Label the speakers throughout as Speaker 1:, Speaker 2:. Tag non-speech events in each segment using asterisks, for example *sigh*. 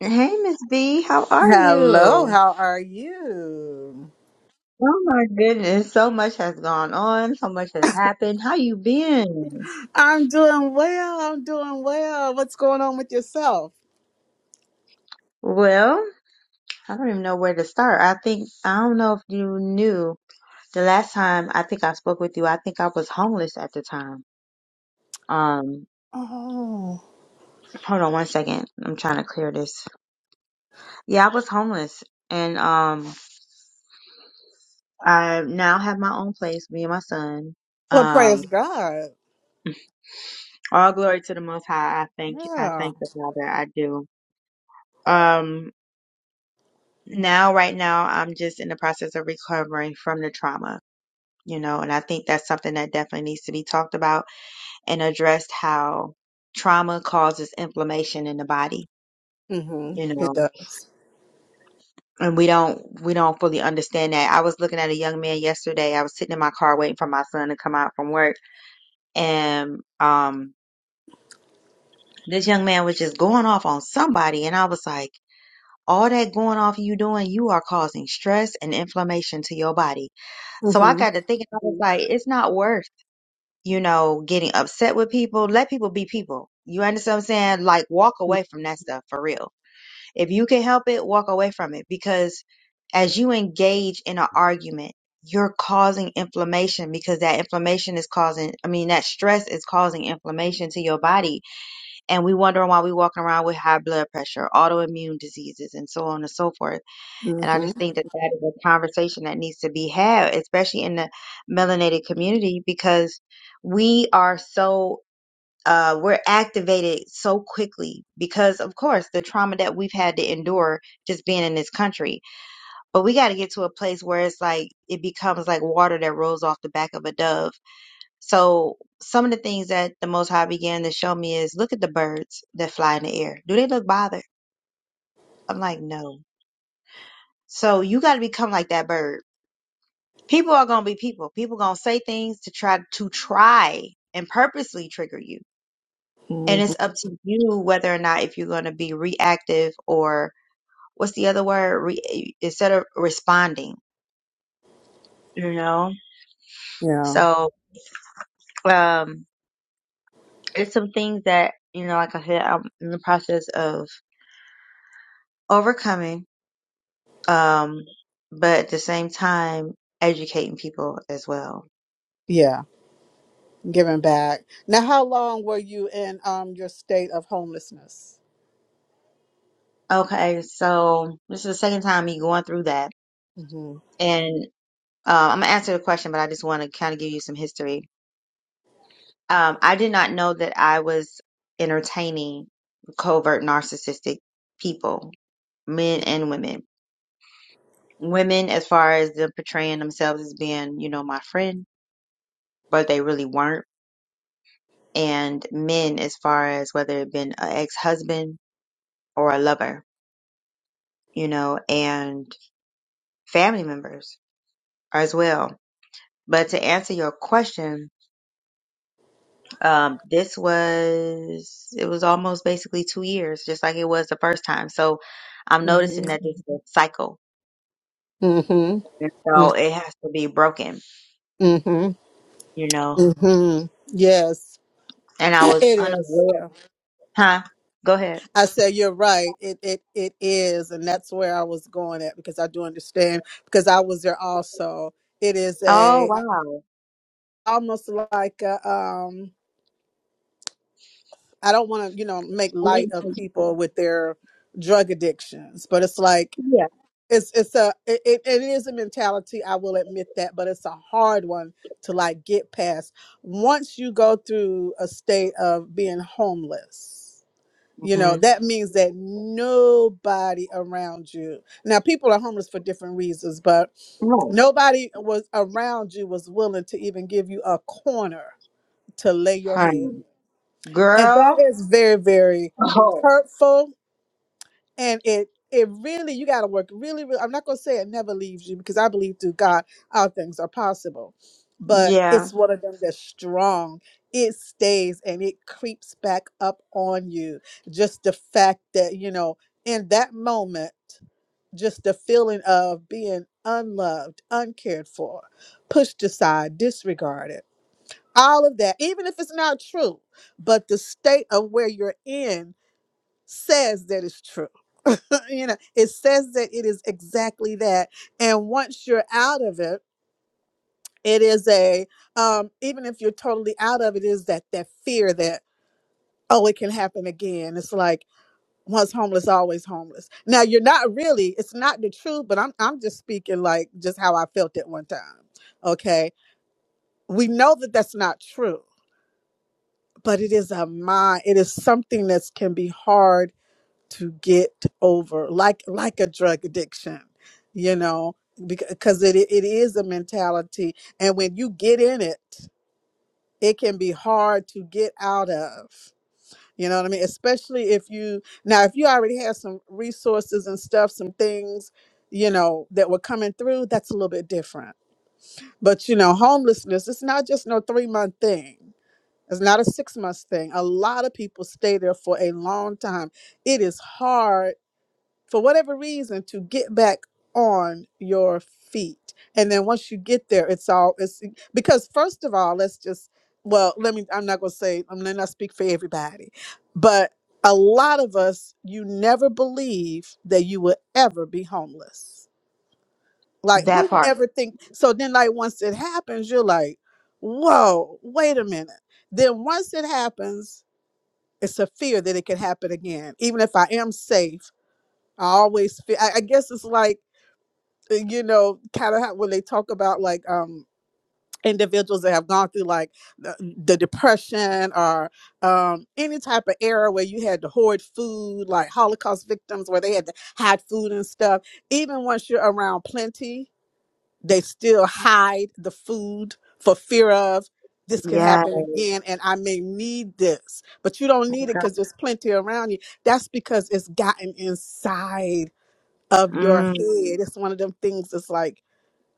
Speaker 1: Hey, Miss B, how are
Speaker 2: Hello,
Speaker 1: you?
Speaker 2: how are you?
Speaker 1: Oh my goodness, so much has gone on, so much has happened. How you been?
Speaker 2: I'm doing well. I'm doing well. What's going on with yourself?
Speaker 1: Well, I don't even know where to start. I think I don't know if you knew the last time I think I spoke with you, I think I was homeless at the time. Um,
Speaker 2: Oh,
Speaker 1: hold on one second. I'm trying to clear this. Yeah, I was homeless and um I now have my own place, me and my son.
Speaker 2: well,
Speaker 1: Um,
Speaker 2: praise God.
Speaker 1: all glory to the most high. I thank I
Speaker 2: Yeah.
Speaker 1: thank the Father. I do. Um now right now i'm just in the process of recovering from the trauma you know and i think that's something that definitely needs to be talked about and addressed how trauma causes inflammation in the body
Speaker 2: hmm
Speaker 1: you
Speaker 2: It
Speaker 1: know
Speaker 2: does.
Speaker 1: and we don't we don't fully understand that i was looking at a young man yesterday i was sitting in my car waiting for my son to come out from work and um this young man was just going off on somebody and i was like all that going off you doing you are causing stress and inflammation to your body So I
Speaker 2: hmm
Speaker 1: got to thinking, I was like, it's not worth, you know, getting upset with people. Let people be people. You understand what I'm saying? Like, walk away from that stuff for real. If you can help it, walk away from it because as you engage in an argument, you're causing inflammation because that inflammation is causing, I mean, that stress is causing inflammation to your body. And we wondering why we walking around with high blood pressure, autoimmune diseases, and so on and so forth and I
Speaker 2: hmm
Speaker 1: just think that that is a conversation that needs to be had, especially in the melanated community, because we are so, uh, we're activated so quickly because, of course, the trauma that we've had to endure just being in this country. But we got to get to a place where it's like, it becomes like water that rolls off the back of a dove. So some of the things that the Most High began to show me is look at the birds that fly in the air. Do they look bothered? I'm like, no. So you got to become like that bird People are gonna be people. People gonna say things to try to try and purposely trigger you.
Speaker 2: hmm
Speaker 1: And it's up to you whether or not if you're gonna be reactive or what's the other word? Re- instead of responding, you know.
Speaker 2: Yeah.
Speaker 1: So um, it's some things that you know, like I said, I'm in the process of overcoming. Um, but at the same time, educating people as well.
Speaker 2: Yeah. Giving back. Now, how long were you in um your state of homelessness?
Speaker 1: Okay, so this is the second time me going through that.
Speaker 2: hmm
Speaker 1: and. Uh, I'm gonna answer the question, but I just want to kind of give you some history. Um, I did not know that I was entertaining covert narcissistic people, men and women. Women, as far as them portraying themselves as being, you know, my friend, but they really weren't. And men, as far as whether it been an ex-husband or a lover, you know, and family members as well. But to answer your question, Um, this was, it was almost basically two years, just like it was the first time. So I'm
Speaker 2: hmm
Speaker 1: noticing that this is a cycle.
Speaker 2: hmm
Speaker 1: And so it has to be broken,
Speaker 2: hmm
Speaker 1: you know.
Speaker 2: hmm Yes,
Speaker 1: And
Speaker 2: *clears throat*
Speaker 1: I
Speaker 2: it
Speaker 1: was
Speaker 2: is.
Speaker 1: unaware. Huh? Go ahead.
Speaker 2: I said you're right. It it it is, and that's where I was going at because I do understand because I was there also. It is
Speaker 1: Oh,
Speaker 2: a
Speaker 1: wow.
Speaker 2: almost like a, um I don't want to you know make light of people with their drug addictions, but it's like
Speaker 1: Yeah.
Speaker 2: it's it's a it, it it is a mentality. I will admit that, but it's a hard one to like get past once you go through a state of being homeless You know,
Speaker 1: hmm
Speaker 2: that means that nobody around you. Now, people are homeless for different reasons, but nobody was around you was willing to even give you a corner to lay your head.
Speaker 1: Honey.
Speaker 2: And that
Speaker 1: Girl.
Speaker 2: is very, very
Speaker 1: Oh.
Speaker 2: hurtful and it it really you got to work really, really i'm not going to say it never leaves you because i believe through god all things are possible but
Speaker 1: Yeah.
Speaker 2: it's one of them that's strong it stays and it creeps back up on you just the fact that you know in that moment just the feeling of being unloved uncared for pushed aside disregarded all of that even if it's not true but the state of where you're in says that it's true *laughs* you know, it says that it is exactly that. And once you're out of it, it is a um, even if you're totally out of it, is that that fear that oh, it can happen again. It's like once homeless, always homeless. Now you're not really. It's not the truth, but I'm I'm just speaking like just how I felt at one time. Okay, we know that that's not true, but it is a mind. It is something that can be hard to get over like like a drug addiction you know because it it is a mentality and when you get in it it can be hard to get out of you know what i mean especially if you now if you already have some resources and stuff some things you know that were coming through that's a little bit different but you know homelessness it's not just no 3 month thing it's not a 6 month thing a lot of people stay there for a long time it is hard for whatever reason to get back on your feet and then once you get there it's all it's because first of all let's just well let me i'm not going to say i'm not speak for everybody but a lot of us you never believe that you will ever be homeless like
Speaker 1: That
Speaker 2: who would
Speaker 1: part.
Speaker 2: ever think so then like once it happens you're like whoa wait a minute then once it happens it's a fear that it could happen again even if i am safe I always feel. I, I guess it's like uh, you know, kind of how when they talk about like um individuals that have gone through like the, the depression or um any type of era where you had to hoard food, like Holocaust victims, where they had to hide food and stuff. Even once you're around plenty, they still hide the food for fear of. This could
Speaker 1: Yeah.
Speaker 2: happen again, and I may need this, but you don't need it because there's plenty around you. That's because it's gotten inside of your head.
Speaker 1: Mm.
Speaker 2: It's one of them things that's like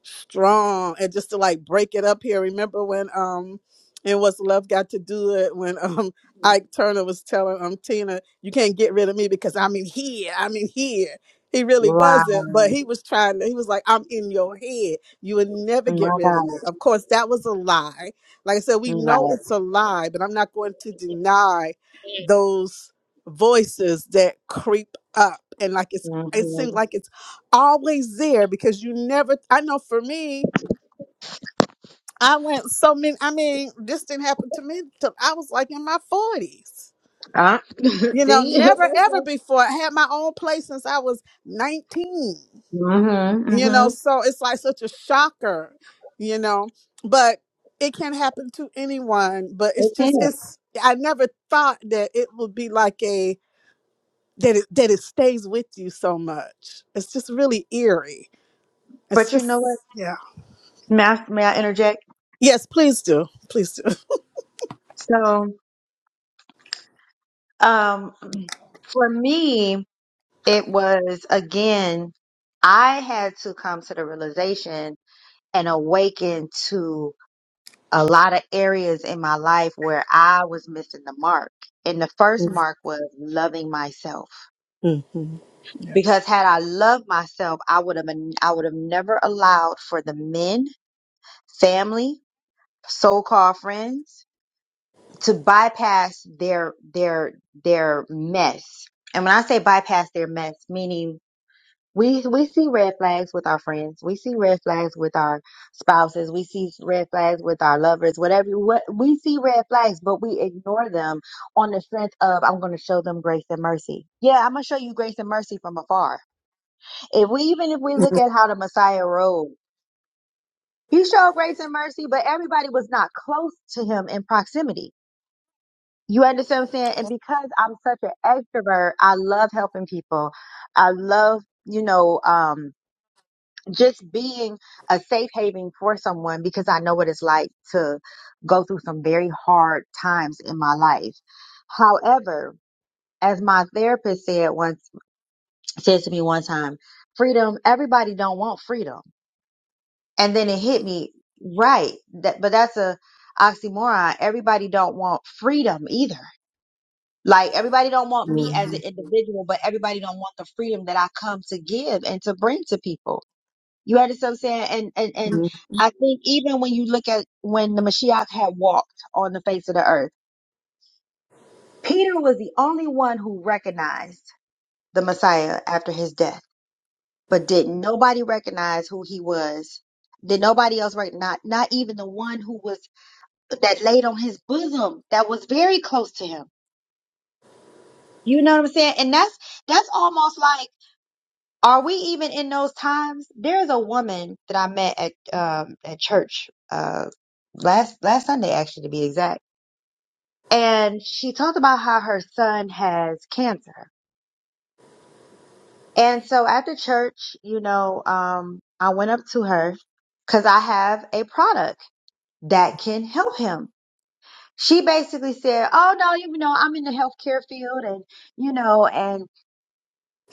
Speaker 2: strong and just to like break it up here. Remember when um and what's love got to do it when *laughs* um Ike Turner was telling um Tina, you can't get rid of me because I'm in here, I'm in here. He really
Speaker 1: Wow.
Speaker 2: wasn't, but he was trying to he was like, I'm in your head. You would never get
Speaker 1: My
Speaker 2: rid of
Speaker 1: God.
Speaker 2: me. Of course that was a lie. Like I said, we know
Speaker 1: Right.
Speaker 2: it's a lie, but I'm not going to deny those voices that creep up and like it's it seems
Speaker 1: Mm-hmm.
Speaker 2: like it's always there because you never I know for me, I went so many I mean, this didn't happen to me till I was like in my forties.
Speaker 1: Uh, *laughs*
Speaker 2: You know,
Speaker 1: see? *laughs*
Speaker 2: never
Speaker 1: That's
Speaker 2: ever
Speaker 1: like-
Speaker 2: before. I had my own place since I was nineteen.
Speaker 1: Mm.
Speaker 2: You
Speaker 1: mhm.
Speaker 2: know, so it's like such a shocker, you know. But it can happen to anyone, but it's
Speaker 1: It can.
Speaker 2: just it's I never thought that it would be like a that it that it stays with you so much. It's just really eerie. It's
Speaker 1: But you know what?
Speaker 2: just yeah.
Speaker 1: May I, may I interject?
Speaker 2: Yes, please do. Please do.
Speaker 1: So, um, for me, it was again, I had to come to the realization and awaken to a lot of areas in my life where I was missing the mark. And the first mark was loving myself.
Speaker 2: Mhm.
Speaker 1: Because had I loved myself, I would have been, I would have never allowed for the men, family, so-called friends to bypass their their their mess. And when I say bypass their mess, meaning we we see red flags with our friends, we see red flags with our spouses, we see red flags with our lovers, whatever. What we see red flags, but we ignore them on the strength of I'm going to show them grace and mercy. Yeah, I'm going to show you grace and mercy from afar. If we even if we look at how the Messiah rode, he showed grace and mercy, but everybody was not close to him in proximity You understand what I'm saying? And because I'm such an extrovert, I love helping people. I love, you know, um, just being a safe haven for someone because I know what it's like to go through some very hard times in my life. However, as my therapist said once, said to me one time, freedom, everybody don't want freedom. And then it hit me right. That, but that's a oxymoron. Everybody don't want freedom either Like everybody don't want me as an
Speaker 2: Mhm.
Speaker 1: individual, but everybody don't want the freedom that I come to give and to bring to people. You understand what I'm saying? And and and
Speaker 2: Mhm.
Speaker 1: I think even when you look at when the Mashiach had walked on the face of the earth, Peter was the only one who recognized the Messiah after his death. But did nobody recognize who he was? Did nobody else recognize? Not not even the one who was that laid on his bosom that was very close to him. You know what I'm saying? And that's that's almost like Are we even in those times? There's a woman that I met at um at church uh last last Sunday actually to be exact. And she talked about how her son has cancer. And so after church, you know, um I went up to her cuz I have a product that can help him. She basically said, "Oh no, you know, I'm in the healthcare field and you know, and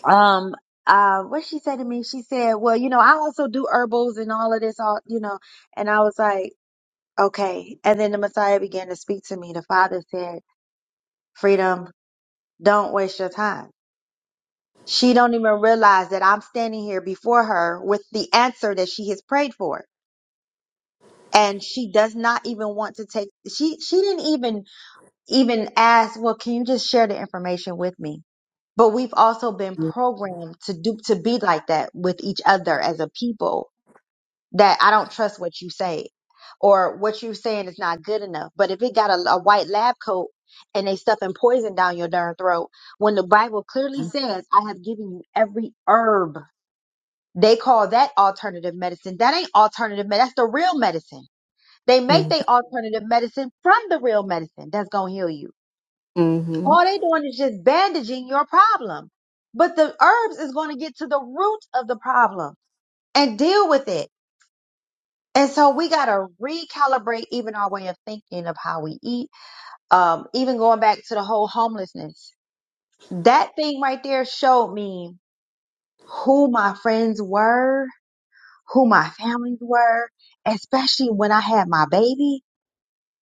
Speaker 1: um uh what she said to me she said well you know i also do herbals and all of this all you know and i was like okay and then the messiah began to speak to me the father said freedom don't waste your time she don't even realize that i'm standing here before her with the answer that she has prayed for and she does not even want to take she she didn't even even ask well can you just share the information with me but we've also been programmed to do to be like that with each other as a people that I don't trust what you say or what you're saying is not good enough. But if it got a, a white lab coat and they stuffing poison down your darn throat, when the Bible clearly says, I have given you every herb, they call that alternative medicine. That ain't alternative medicine. That's the real medicine. They make
Speaker 2: Mhm.
Speaker 1: their alternative medicine from the real medicine that's going to heal you.
Speaker 2: Mhm.
Speaker 1: All they doing is just bandaging your problem. But the herbs is going to get to the root of the problem and deal with it And so we got to recalibrate even our way of thinking of how we eat. Um, even going back to the whole homelessness, that thing right there showed me who my friends were, who my families were, especially when I had my baby.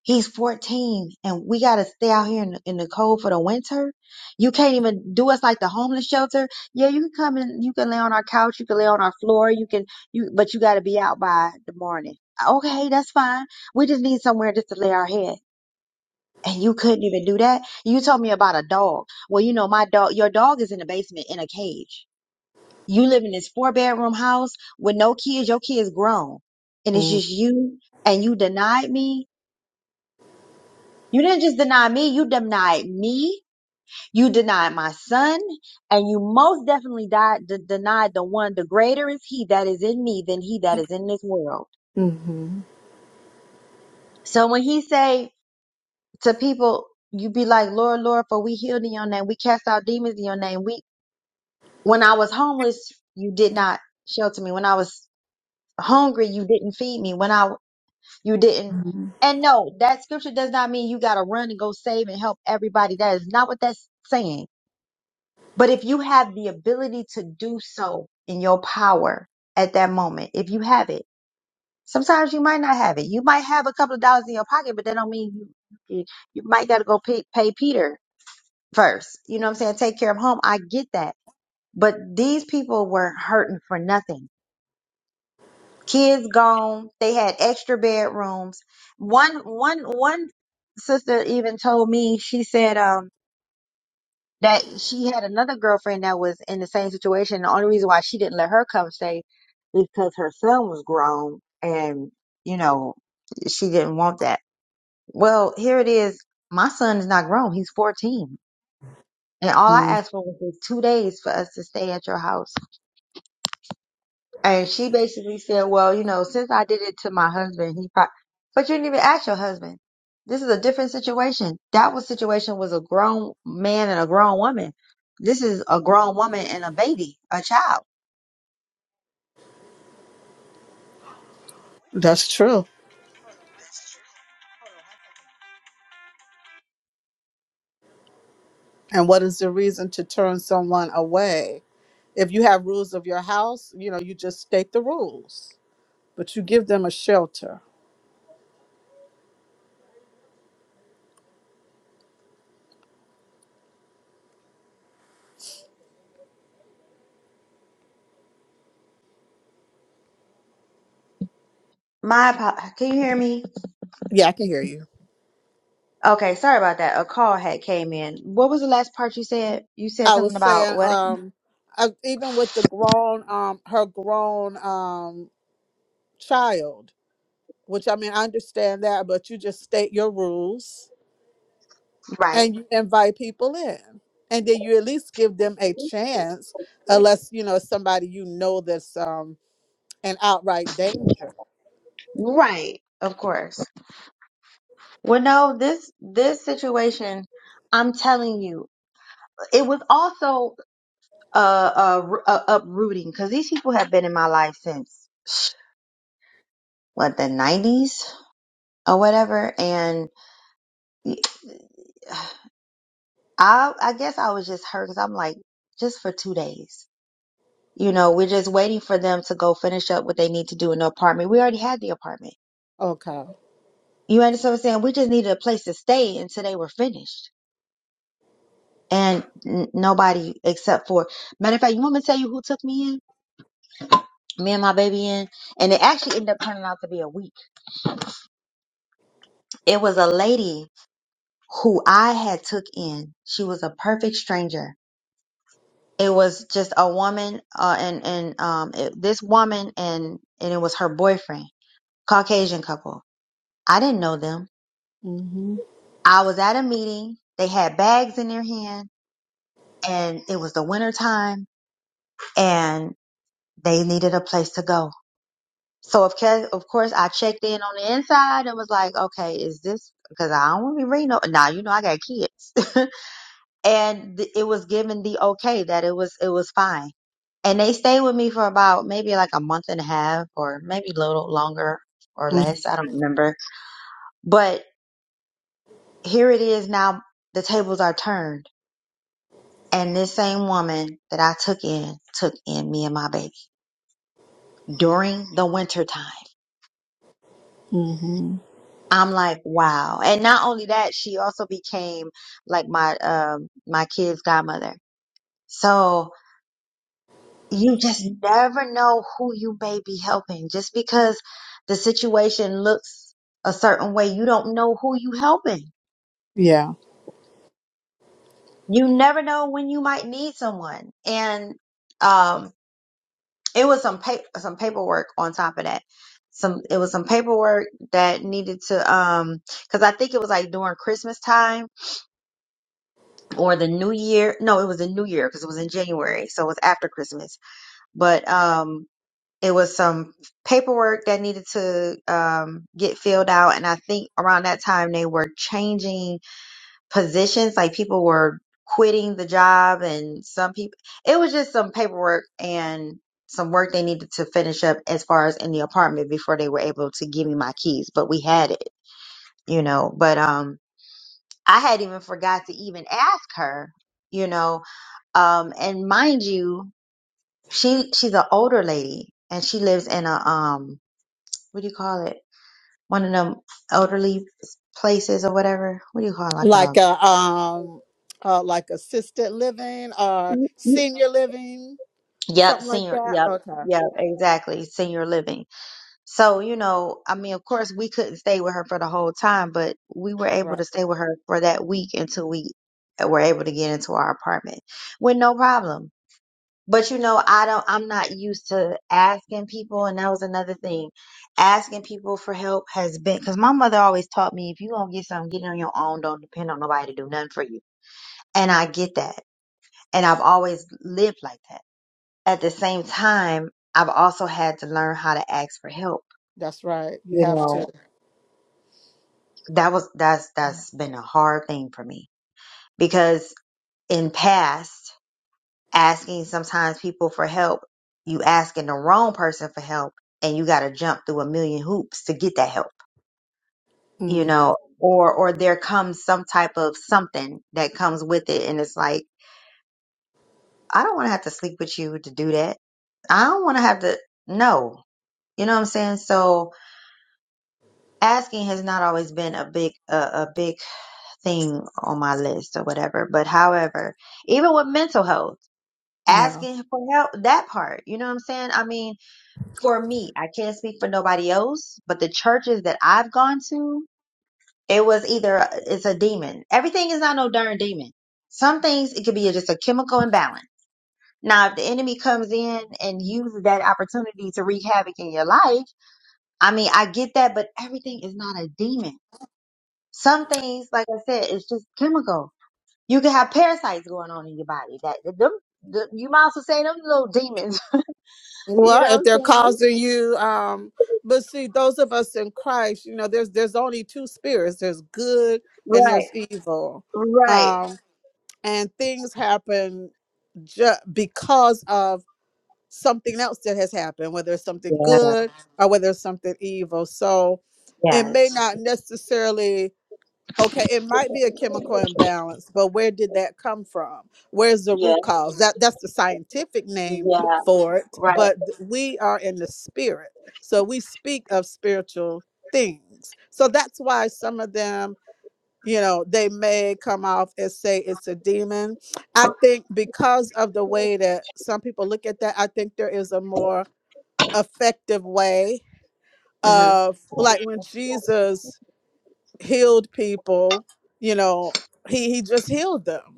Speaker 1: He's 14 and we got to stay out here in, the- in the cold for the winter. You can't even do us like the homeless shelter. Yeah, you can come and you can lay on our couch. You can lay on our floor. You can, you, but you got to be out by the morning. Okay, that's fine. We just need somewhere just to lay our head. And you couldn't even do that. You told me about a dog. Well, you know, my dog, your dog is in the basement in a cage. You live in this four bedroom house with no kids. Your kids grown and it's just you and you denied me You didn't just deny me, you denied me, you denied my son, and you most definitely died, d- denied the one, the greater is he that is in me than he that is in this world.
Speaker 2: Mhm.
Speaker 1: So when he say to people, you be like, Lord, Lord, for we healed in your name, we cast out demons in your name. We, when I was homeless, you did not shelter me. When I was hungry, you didn't feed me. When I, you didn't. And no, that scripture does not mean you got to run and go save and help everybody. That is not what that's saying But if you have the ability to do so in your power at that moment, if you have it, sometimes you might not have it. You might have a couple of dollars in your pocket, but that don't mean you you, you might got to go pay, pay Peter first. You know what I'm saying? Take care of home. I get that. But these people were hurting for nothing. Kids gone. They had extra bedrooms. One one one sister even told me, she said, um, that she had another girlfriend that was in the same situation. The only reason why she didn't let her come stay is because her son was grown and, you know, she didn't want that. Well, here it is. My son is not grown. He's 14. And all I
Speaker 2: Mhm.
Speaker 1: asked for was just two days for us to stay at your house and she basically said, well, you know, since I did it to my husband, he probably, but you didn't even ask your husband. This is a different situation. That was situation was a grown man and a grown woman. This is a grown woman and a baby, a child.
Speaker 2: That's true. And what is the reason to turn someone away? If you have rules of your house, you know, you just state the rules, but you give them a shelter.
Speaker 1: My, apo- can you hear me?
Speaker 2: Yeah, I can hear you.
Speaker 1: Okay, sorry about that. A call had came in. What was the last part you said? You said
Speaker 2: I
Speaker 1: something
Speaker 2: was
Speaker 1: about
Speaker 2: saying,
Speaker 1: what?
Speaker 2: um, I, even with the grown, um, her grown um, child, which I mean, I understand that, but you just state your rules
Speaker 1: Right.
Speaker 2: and you invite people in and then you at least give them a chance unless you know it's somebody you know that's um an outright danger
Speaker 1: Right. Of course. Well, no, this this situation, I'm telling you, it was also uh, uh, r- uh uprooting because these people have been in my life since what the 90s or whatever, and I I guess I was just hurt because I'm like just for two days, you know, we're just waiting for them to go finish up what they need to do in the apartment. We already had the apartment.
Speaker 2: okay
Speaker 1: You understand what I'm saying? We just needed a place to stay until they were finished and n- nobody except for matter of fact you want me to tell you who took me in me and my baby in and it actually ended up turning out to be a week it was a lady who i had took in she was a perfect stranger it was just a woman uh, and and um it, this woman and and it was her boyfriend caucasian couple i didn't know them
Speaker 2: mm-hmm.
Speaker 1: i was at a meeting they had bags in their hand and it was the winter time and they needed a place to go So of ca- of course I checked in on the inside and was like, okay, is this because I don't want to be reading. No, now you know I got kids, *laughs* and th- it was given the okay that it was it was fine. And they stayed with me for about maybe like a month and a half, or maybe a little longer or
Speaker 2: Mm-hmm.
Speaker 1: less. I don't remember. But here it is now. The tables are turned, and this same woman that I took in took in me and my baby during the winter time.
Speaker 2: Mm-hmm.
Speaker 1: I'm like, wow. And not only that, she also became like my um my kid's godmother. So you just never know who you may be helping. Just because the situation looks a certain way, you don't know who you helping.
Speaker 2: yeah
Speaker 1: You never know when you might need someone. And um it was some pa- some paperwork on top of that. Some it was some paperwork that needed to um because I think it was like during Christmas time or the new year no it was the new year because it was in january so it was after christmas but um it was some paperwork that needed to um get filled out and i think around that time they were changing positions like people were quitting the job and some people it was just some paperwork and some work they needed to finish up as far as in the apartment before they were able to give me my keys but we had it you know but um i had even forgot to even ask her you know um, and mind you, she she's an older lady, and she lives in a um, what do you call it? One of them elderly places or whatever. What do you call it? like
Speaker 2: like a um uh, like assisted living or
Speaker 1: a?
Speaker 2: senior living
Speaker 1: Yep,
Speaker 2: something like
Speaker 1: senior.
Speaker 2: that
Speaker 1: Yep,
Speaker 2: okay
Speaker 1: yep, exactly, senior living. So you know, I mean, of course, we couldn't stay with her for the whole time, but we were able
Speaker 2: right
Speaker 1: to stay with her for that week until we were able to get into our apartment with no problem But you know, I don't, I'm not used to asking people. And that was another thing. Asking people for help has been, because my mother always taught me if you going to get something, get it on your own. Don't depend on nobody to do nothing for you. And I get that. And I've always lived like that. At the same time, I've also had to learn how to ask for help.
Speaker 2: that's right you
Speaker 1: You
Speaker 2: have to
Speaker 1: know, that was, that's, that's been a hard thing for me because in past, asking sometimes people for help, you asking the wrong person for help and you got to jump through a million hoops to get that help, you
Speaker 2: mm.
Speaker 1: know, or, or there comes some type of something that comes with it. And it's like, I don't want to have to sleep with you to do that. I don't want to have to, no, you know what I'm saying? So asking has not always been a big, uh, a big thing on my list or whatever. But however, even with mental health,
Speaker 2: yeah
Speaker 1: asking for help, that part, you know what I'm saying? I mean, for me, I can't speak for nobody else, but the churches that I've gone to, it was either it's a demon. Everything is not no darn demon. Some things it could be just a chemical imbalance. Now, if the enemy comes in and uses that opportunity to wreak havoc in your life, I mean, I get that, but everything is not a demon. Some things, like I said, it's just chemical. You can have parasites going on in your body. That them, the, you might also say them little demons. *laughs* You know
Speaker 2: Well, if they're
Speaker 1: what I'm saying?
Speaker 2: causing you, um, but see, those of us in Christ, you know, there's there's only two spirits. There's good and
Speaker 1: Right,
Speaker 2: there's evil,
Speaker 1: right.
Speaker 2: um, and things happen ju- because of something else that has happened, whether it's something
Speaker 1: Yeah,
Speaker 2: good or whether it's something evil. So, it
Speaker 1: yeah.
Speaker 2: may not necessarily Okay, it might be a chemical imbalance, but where did that come from? Where's the
Speaker 1: Yeah,
Speaker 2: root cause? That that's the scientific name
Speaker 1: yeah,
Speaker 2: for it,
Speaker 1: right.
Speaker 2: but th- we are in the spirit. So we speak of spiritual things. So that's why some of them, you know, they may come off and say it's a demon. I think because of the way that some people look at that, I think there is a more effective way
Speaker 1: hmm
Speaker 2: of like when Jesus healed people you know he he just healed them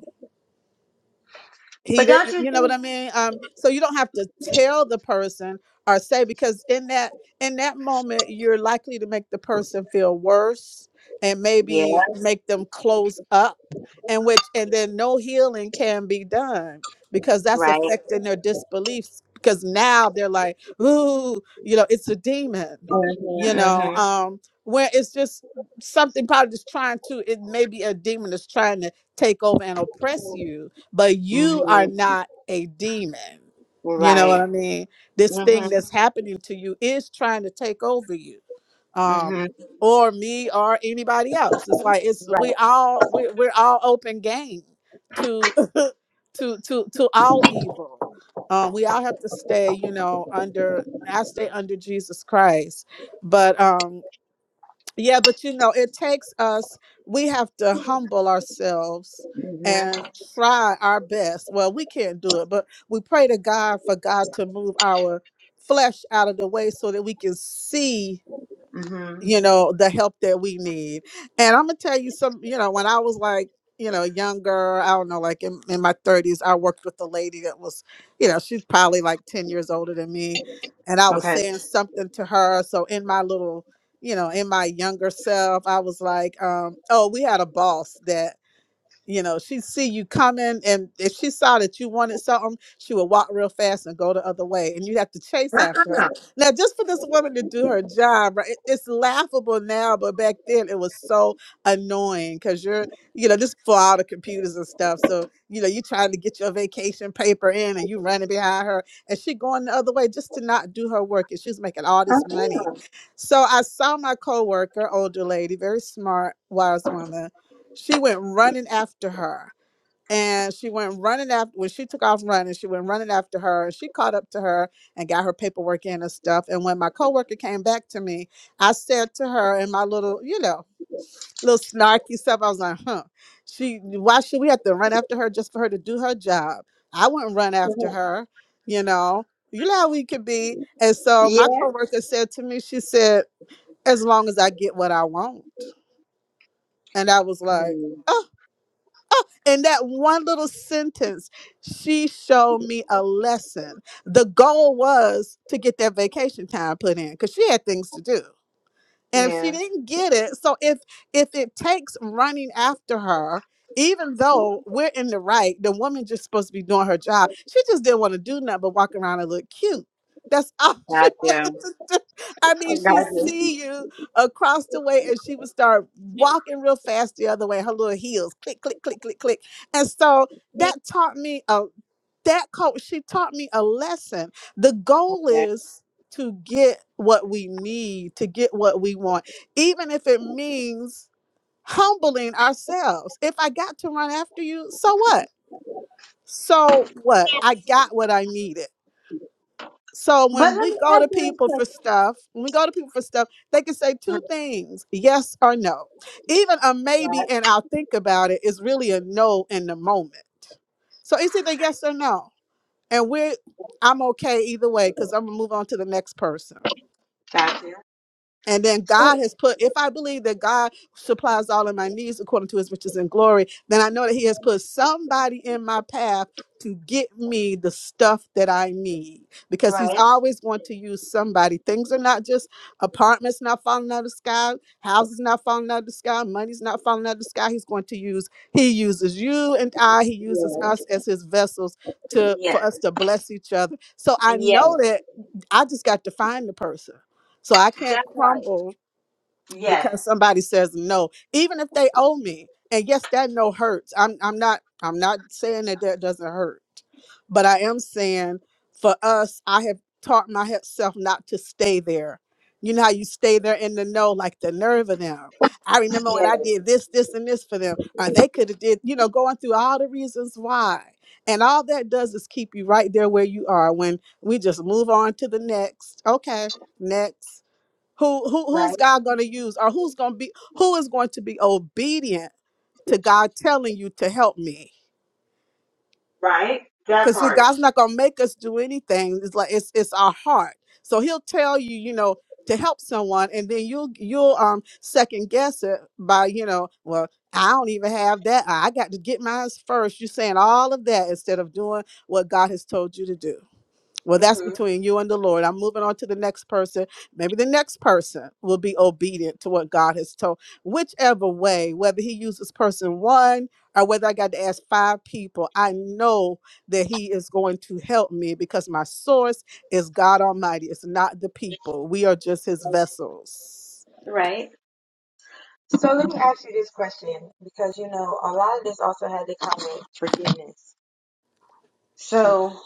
Speaker 2: he
Speaker 1: But don't
Speaker 2: didn't
Speaker 1: you
Speaker 2: you know
Speaker 1: think?
Speaker 2: what i mean um so you don't have to tell the person or say because in that in that moment you're likely to make the person feel worse and
Speaker 1: Yeah,
Speaker 2: maybe make them close up and which and
Speaker 1: yeah,
Speaker 2: then no healing can be done because that's
Speaker 1: right.
Speaker 2: affecting their disbeliefs because now they're like ooh you know it's a demon you
Speaker 1: Mm-hmm,
Speaker 2: know um where it's just something probably just trying to it may be a demon that's trying to take over and oppress you but
Speaker 1: mm-hmm,
Speaker 2: you are
Speaker 1: mm-hmm,
Speaker 2: not a demon. You know
Speaker 1: right.
Speaker 2: what I mean? This thing
Speaker 1: Mm-hmm,
Speaker 2: that's happening to you is trying to take over you. Um
Speaker 1: mm-hmm,
Speaker 2: or me or anybody else. It's like it's we
Speaker 1: right.
Speaker 2: all we, we're all open game to *laughs* to to to all evil. Um we all have to stay, you know, under I stay under Jesus Christ. But um yeah, but you know, it takes us, we have to humble ourselves
Speaker 1: Mm-hmm,
Speaker 2: and try our best. Well, we can't do it, but we pray to God for God to move our flesh out of the way so that we can see
Speaker 1: mm-hmm.
Speaker 2: you know the help that we need and i'm gonna tell you some you know when i was like you know younger i don't know like in, in my 30s i worked with a lady that was you know she's probably like 10 years older than me and i was
Speaker 1: Okay.
Speaker 2: saying something to her so in my little you know in my younger self i was like um oh we had a boss that you know, she'd see you coming, and if she saw that you wanted something, she would walk real fast and go the other way, and you'd have to chase after
Speaker 1: Uh-uh,
Speaker 2: her. Now, just for this woman to do her job, right? it- it's laughable now, but back then it was so annoying because you're, you know, just for all the computers and stuff. So, you know, you're trying to get your vacation paper in, and you running behind her, and she going the other way just to not do her work, and she's making all this money.
Speaker 1: uh-uh.
Speaker 2: So I saw my coworker, older lady, very smart, wise woman she went running after her and she went running after when she took off running she went running after her she caught up to her and got her paperwork in and stuff and when my coworker came back to me i said to her in my little you know little snarky stuff i was like huh she why should we have to run after her just for her to do her job i wouldn't run after
Speaker 1: hmm
Speaker 2: her you know you know how we could be and so my
Speaker 1: Yeah.
Speaker 2: coworker said to me she said as long as i get what i want and i was like
Speaker 1: Mm,
Speaker 2: "Oh, in that one little sentence, she showed me a lesson. The goal was to get that vacation time put in because she had things to do and she
Speaker 1: Yeah.
Speaker 2: didn't get it so if if it takes running after her even though we're in the right the woman just supposed to be doing her job she just didn't want to do nothing but walk around and look cute that's all *laughs* she
Speaker 1: Gotcha.
Speaker 2: wanted to do i
Speaker 1: I
Speaker 2: mean she
Speaker 1: got you.
Speaker 2: see you across the way and she would start walking real fast the other way her little heels click click click click click and so that taught me a that coach she taught me a lesson the goal
Speaker 1: Okay.
Speaker 2: is to get what we need to get what we want even if it means humbling ourselves if i got to run after you so what so what i got what i needed so
Speaker 1: But
Speaker 2: when
Speaker 1: let
Speaker 2: we
Speaker 1: me
Speaker 2: go
Speaker 1: ask
Speaker 2: to
Speaker 1: you
Speaker 2: people
Speaker 1: this
Speaker 2: for stuff when we go to people for stuff they can say two
Speaker 1: question.
Speaker 2: things yes or no even a
Speaker 1: Right.
Speaker 2: maybe and i'll think about it is really a no in the moment so it's either yes or no and we're I'm okay either way because I'm gonna move on to the next person.
Speaker 1: Got you.
Speaker 2: And then
Speaker 1: So,
Speaker 2: God has put, if I believe that God supplies all of my needs according to his riches and glory, then I know that he has put somebody in my path to get me the stuff that I need because he's
Speaker 1: right.
Speaker 2: always going to use somebody. Things are not just apartments not falling out of the sky, houses not falling out of the sky, money's not falling out of the sky. He's going to use, he uses you and I, he uses
Speaker 1: Yes.
Speaker 2: us as his vessels to for
Speaker 1: Yes.
Speaker 2: us to bless each other. So I
Speaker 1: Yes.
Speaker 2: know that I just got to find the person. So I
Speaker 1: That
Speaker 2: can't
Speaker 1: part.
Speaker 2: crumble
Speaker 1: Yes.
Speaker 2: because somebody says no, even if they owe me. And yes, that no hurts. I'm I'm not I'm not saying that that doesn't hurt, but I am saying for us, I have taught myself not to stay there. You know how you stay there in the no, like the nerve of them. I remember when
Speaker 1: Yes.
Speaker 2: I did this, this, and this for them, or they could have did, you know, going through all the reasons why. And all that does is keep you right there where you are when we just move on to the next. Okay, next who who
Speaker 1: Right.
Speaker 2: who's God going to use or who's going to be who is going to be obedient to God telling you to help me?
Speaker 1: Right. That
Speaker 2: Cuz
Speaker 1: part.
Speaker 2: God's not going to make us do anything. It's like it's it's our heart. So he'll tell you, you know, to help someone and then you'll you'll um second guess it by, you know, well, I don't even have that. I I got to get mine first. You're saying all of that instead of doing what God has told you to do. Well, that's
Speaker 1: Mm-hmm.
Speaker 2: between you and the Lord. I'm moving on to the next person. Maybe the next person will be obedient to what God has told. Whichever way, whether he uses person one or whether I got to ask five people, I know that he is going to help me because my source is God Almighty. It's not the people. We are just his vessels.
Speaker 1: Right. So let me ask you this question because you know a lot of this also had to come with forgiveness. So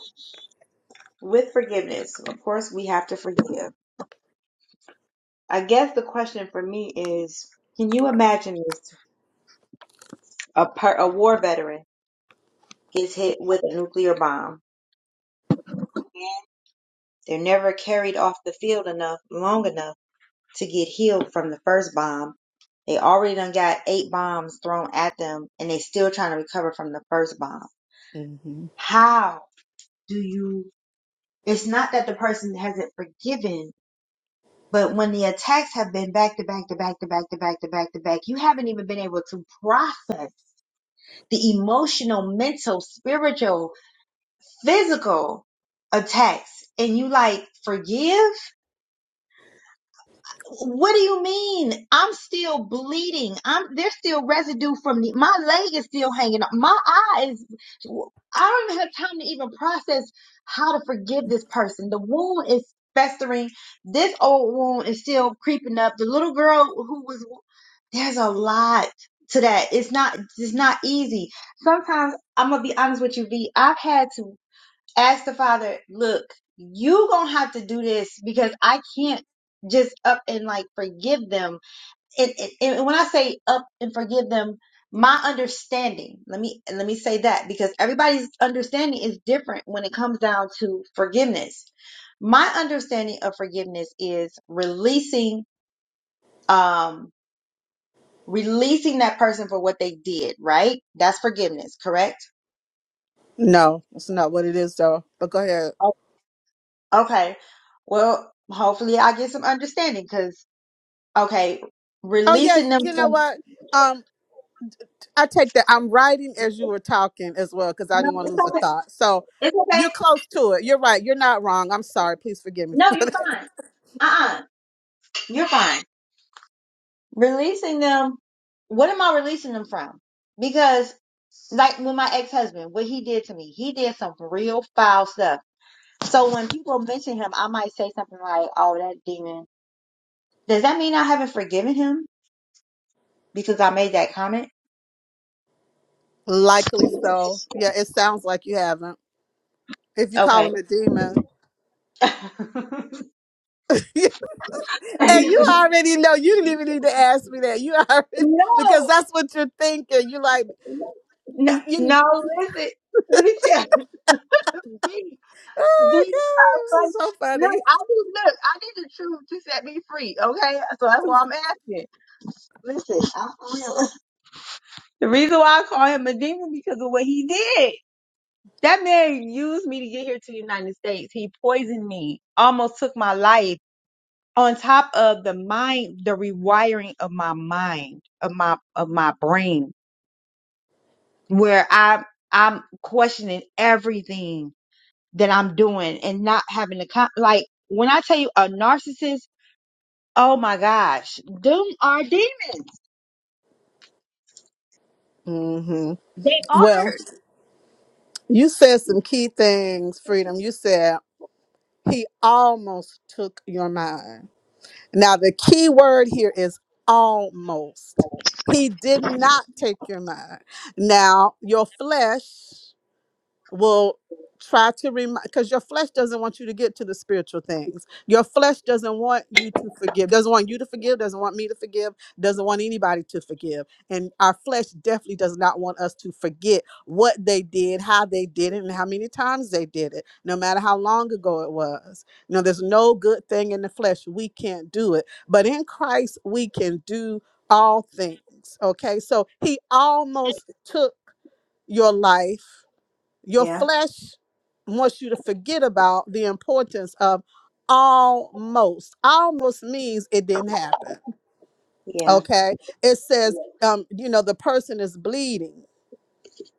Speaker 1: with forgiveness, of course, we have to forgive. I guess the question for me is, can you imagine this? A, per, a war veteran gets hit with a nuclear bomb. They're never carried off the field enough, long enough to get healed from the first bomb. They already done got eight bombs thrown at them and they still trying to recover from the first bomb.
Speaker 2: hmm
Speaker 1: How do you? It's not that the person hasn't forgiven, but when the attacks have been back to back to back to back to back to back to back, you haven't even been able to process the emotional, mental, spiritual, physical attacks. And you like forgive? What do you mean? I'm still bleeding. I'm there's still residue from the my leg is still hanging up. My eye is I don't even have time to even process how to forgive this person. The wound is festering. This old wound is still creeping up. The little girl who was there's a lot to that. It's not it's not easy. Sometimes I'm gonna be honest with you, V. I've had to ask the father, look, you gonna have to do this because I can't just up and like forgive them. And, and, and when I say up and forgive them, my understanding, let me let me say that because everybody's understanding is different when it comes down to forgiveness. My understanding of forgiveness is releasing um releasing that person for what they did, right? That's forgiveness, correct?
Speaker 2: No, that's not what it is, though. But go ahead.
Speaker 1: O- Okay. Well, hopefully I get some understanding Okay,
Speaker 2: Oh, yeah.
Speaker 1: releasing them
Speaker 2: You know
Speaker 1: from.
Speaker 2: what? Um, I take that. I'm writing as you were talking as well because I
Speaker 1: No,
Speaker 2: didn't want to
Speaker 1: it's
Speaker 2: lose a
Speaker 1: okay.
Speaker 2: thought. So
Speaker 1: It's
Speaker 2: you're
Speaker 1: okay.
Speaker 2: close to it. You're right. You're not wrong. I'm sorry. Please forgive me
Speaker 1: No,
Speaker 2: for
Speaker 1: you're
Speaker 2: that.
Speaker 1: fine. Uh-uh. You're fine. Releasing them. What am I releasing them from? Because like with my ex-husband, what he did to me, he did some real foul stuff. So when people mention him, I might say something like, "Oh, that demon." Does that mean I haven't forgiven him because I made that comment?
Speaker 2: *laughs* Likely so. Yeah, it sounds like you haven't. If you call
Speaker 1: Okay.
Speaker 2: him a demon.
Speaker 1: *laughs*
Speaker 2: *laughs* and you
Speaker 1: no,
Speaker 2: already know. You didn't even need to ask me that. You *laughs* already, because that's what you're thinking. You're like,
Speaker 1: no,
Speaker 2: you,
Speaker 1: no. Listen, let me tell you. *laughs* These
Speaker 2: oh
Speaker 1: are funny.
Speaker 2: my God, this
Speaker 1: Look,
Speaker 2: is so
Speaker 1: I need look. I need the truth to set me free. Okay, so that's why I'm asking. Listen, I'm for real. *laughs* The reason why I call him a demon because of what he did. That man used me to get here to the United States. He poisoned me, almost took my life. On top of the mind, the rewiring of my mind, of my of my brain, where I I'm questioning everything that I'm doing and not having to con- like when I tell you a narcissist Oh my gosh. Them are demons.
Speaker 2: funny. hmm
Speaker 1: They
Speaker 2: Well,
Speaker 1: are.
Speaker 2: you said some key things, Freedom. You said, he almost took your mind. Now, the key word here is almost. He did not take your mind. Now, your flesh will try to remind because your flesh doesn't want you to get to the spiritual things your flesh doesn't want you to forgive doesn't want you to forgive doesn't want me to forgive doesn't want anybody to forgive and our flesh definitely does not want us to forget what they did how they did it and how many times they did it no matter how long ago it was you know there's no good thing in the flesh we can't do it but in christ we can do all things okay so he almost took your life your
Speaker 1: Yeah,
Speaker 2: flesh wants you to forget about the importance of almost. Almost means it didn't happen.
Speaker 1: yeah,
Speaker 2: Okay. It says, um, you know, the person is bleeding.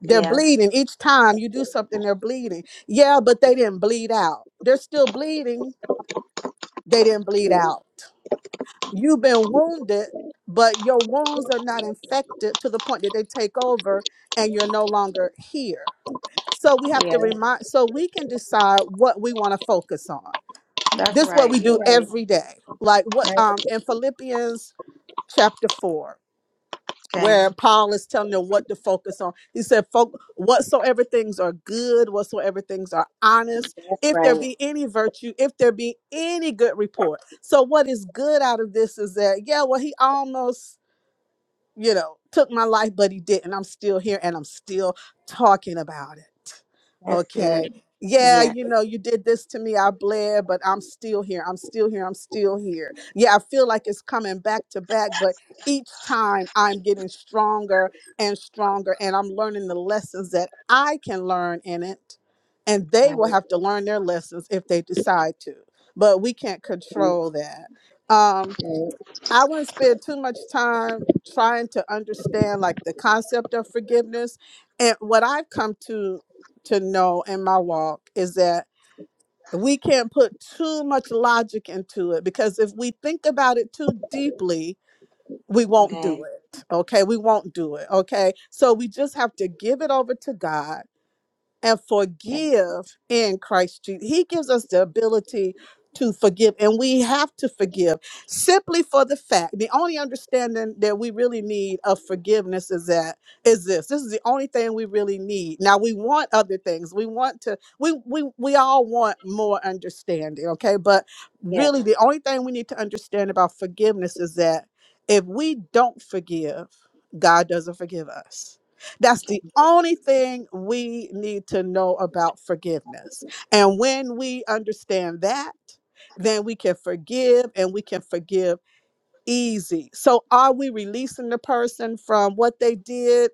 Speaker 2: They're
Speaker 1: yeah,
Speaker 2: bleeding each time you do something, they're bleeding. Yeah, but they didn't bleed out. They're still bleeding. They didn't bleed out. You've been wounded, but your wounds are not infected to the point that they take over and you're no longer here. So we have
Speaker 1: yeah.
Speaker 2: to remind, so we can decide what we want to focus on.
Speaker 1: That's
Speaker 2: This is what
Speaker 1: right.
Speaker 2: we do
Speaker 1: You're
Speaker 2: every day. Like what
Speaker 1: right.
Speaker 2: um in Philippians chapter four,
Speaker 1: Okay.
Speaker 2: where Paul is telling them what to focus on. He said, Folk whatsoever things are good, whatsoever things are honest, if there
Speaker 1: Right.
Speaker 2: be any virtue, if there be any good report. So what is good out of this is that, yeah, well, he almost you know, took my life, but he didn't. I'm still here and I'm still talking about it.
Speaker 1: That's good.
Speaker 2: Okay. Yeah,
Speaker 1: Yeah.
Speaker 2: you know, you did this to me. I bled, but I'm still here. I'm still here. I'm still here. Yeah, I feel like it's coming back to back, but each time I'm getting stronger and stronger, and I'm learning the lessons that I can learn in it. And they
Speaker 1: Right.
Speaker 2: will have to learn their lessons if they decide to, but we can't control that. Um,
Speaker 1: right.
Speaker 2: I wouldn't spend too much time trying to understand like the concept of forgiveness. And what I've come to to know in my walk is that we can't put too much logic into it because if we think about it too deeply, we won't do
Speaker 1: Okay.
Speaker 2: it. Okay? We won't do it. Okay? So we just have to give it over to God and
Speaker 1: Okay.
Speaker 2: forgive in Christ Jesus. He gives us the ability to forgive, and we have to forgive simply for the fact. The only understanding that we really need of forgiveness is that is this. This is the only thing we really need. Now we want other things. We want to. We we we all want more understanding. Okay, but
Speaker 1: Yeah.
Speaker 2: really, the only thing we need to understand about forgiveness is that if we don't forgive, God doesn't forgive us that's the only thing we need to know about forgiveness. And when we understand that, then we can forgive and we can forgive easy. So, are we releasing the person from what they did?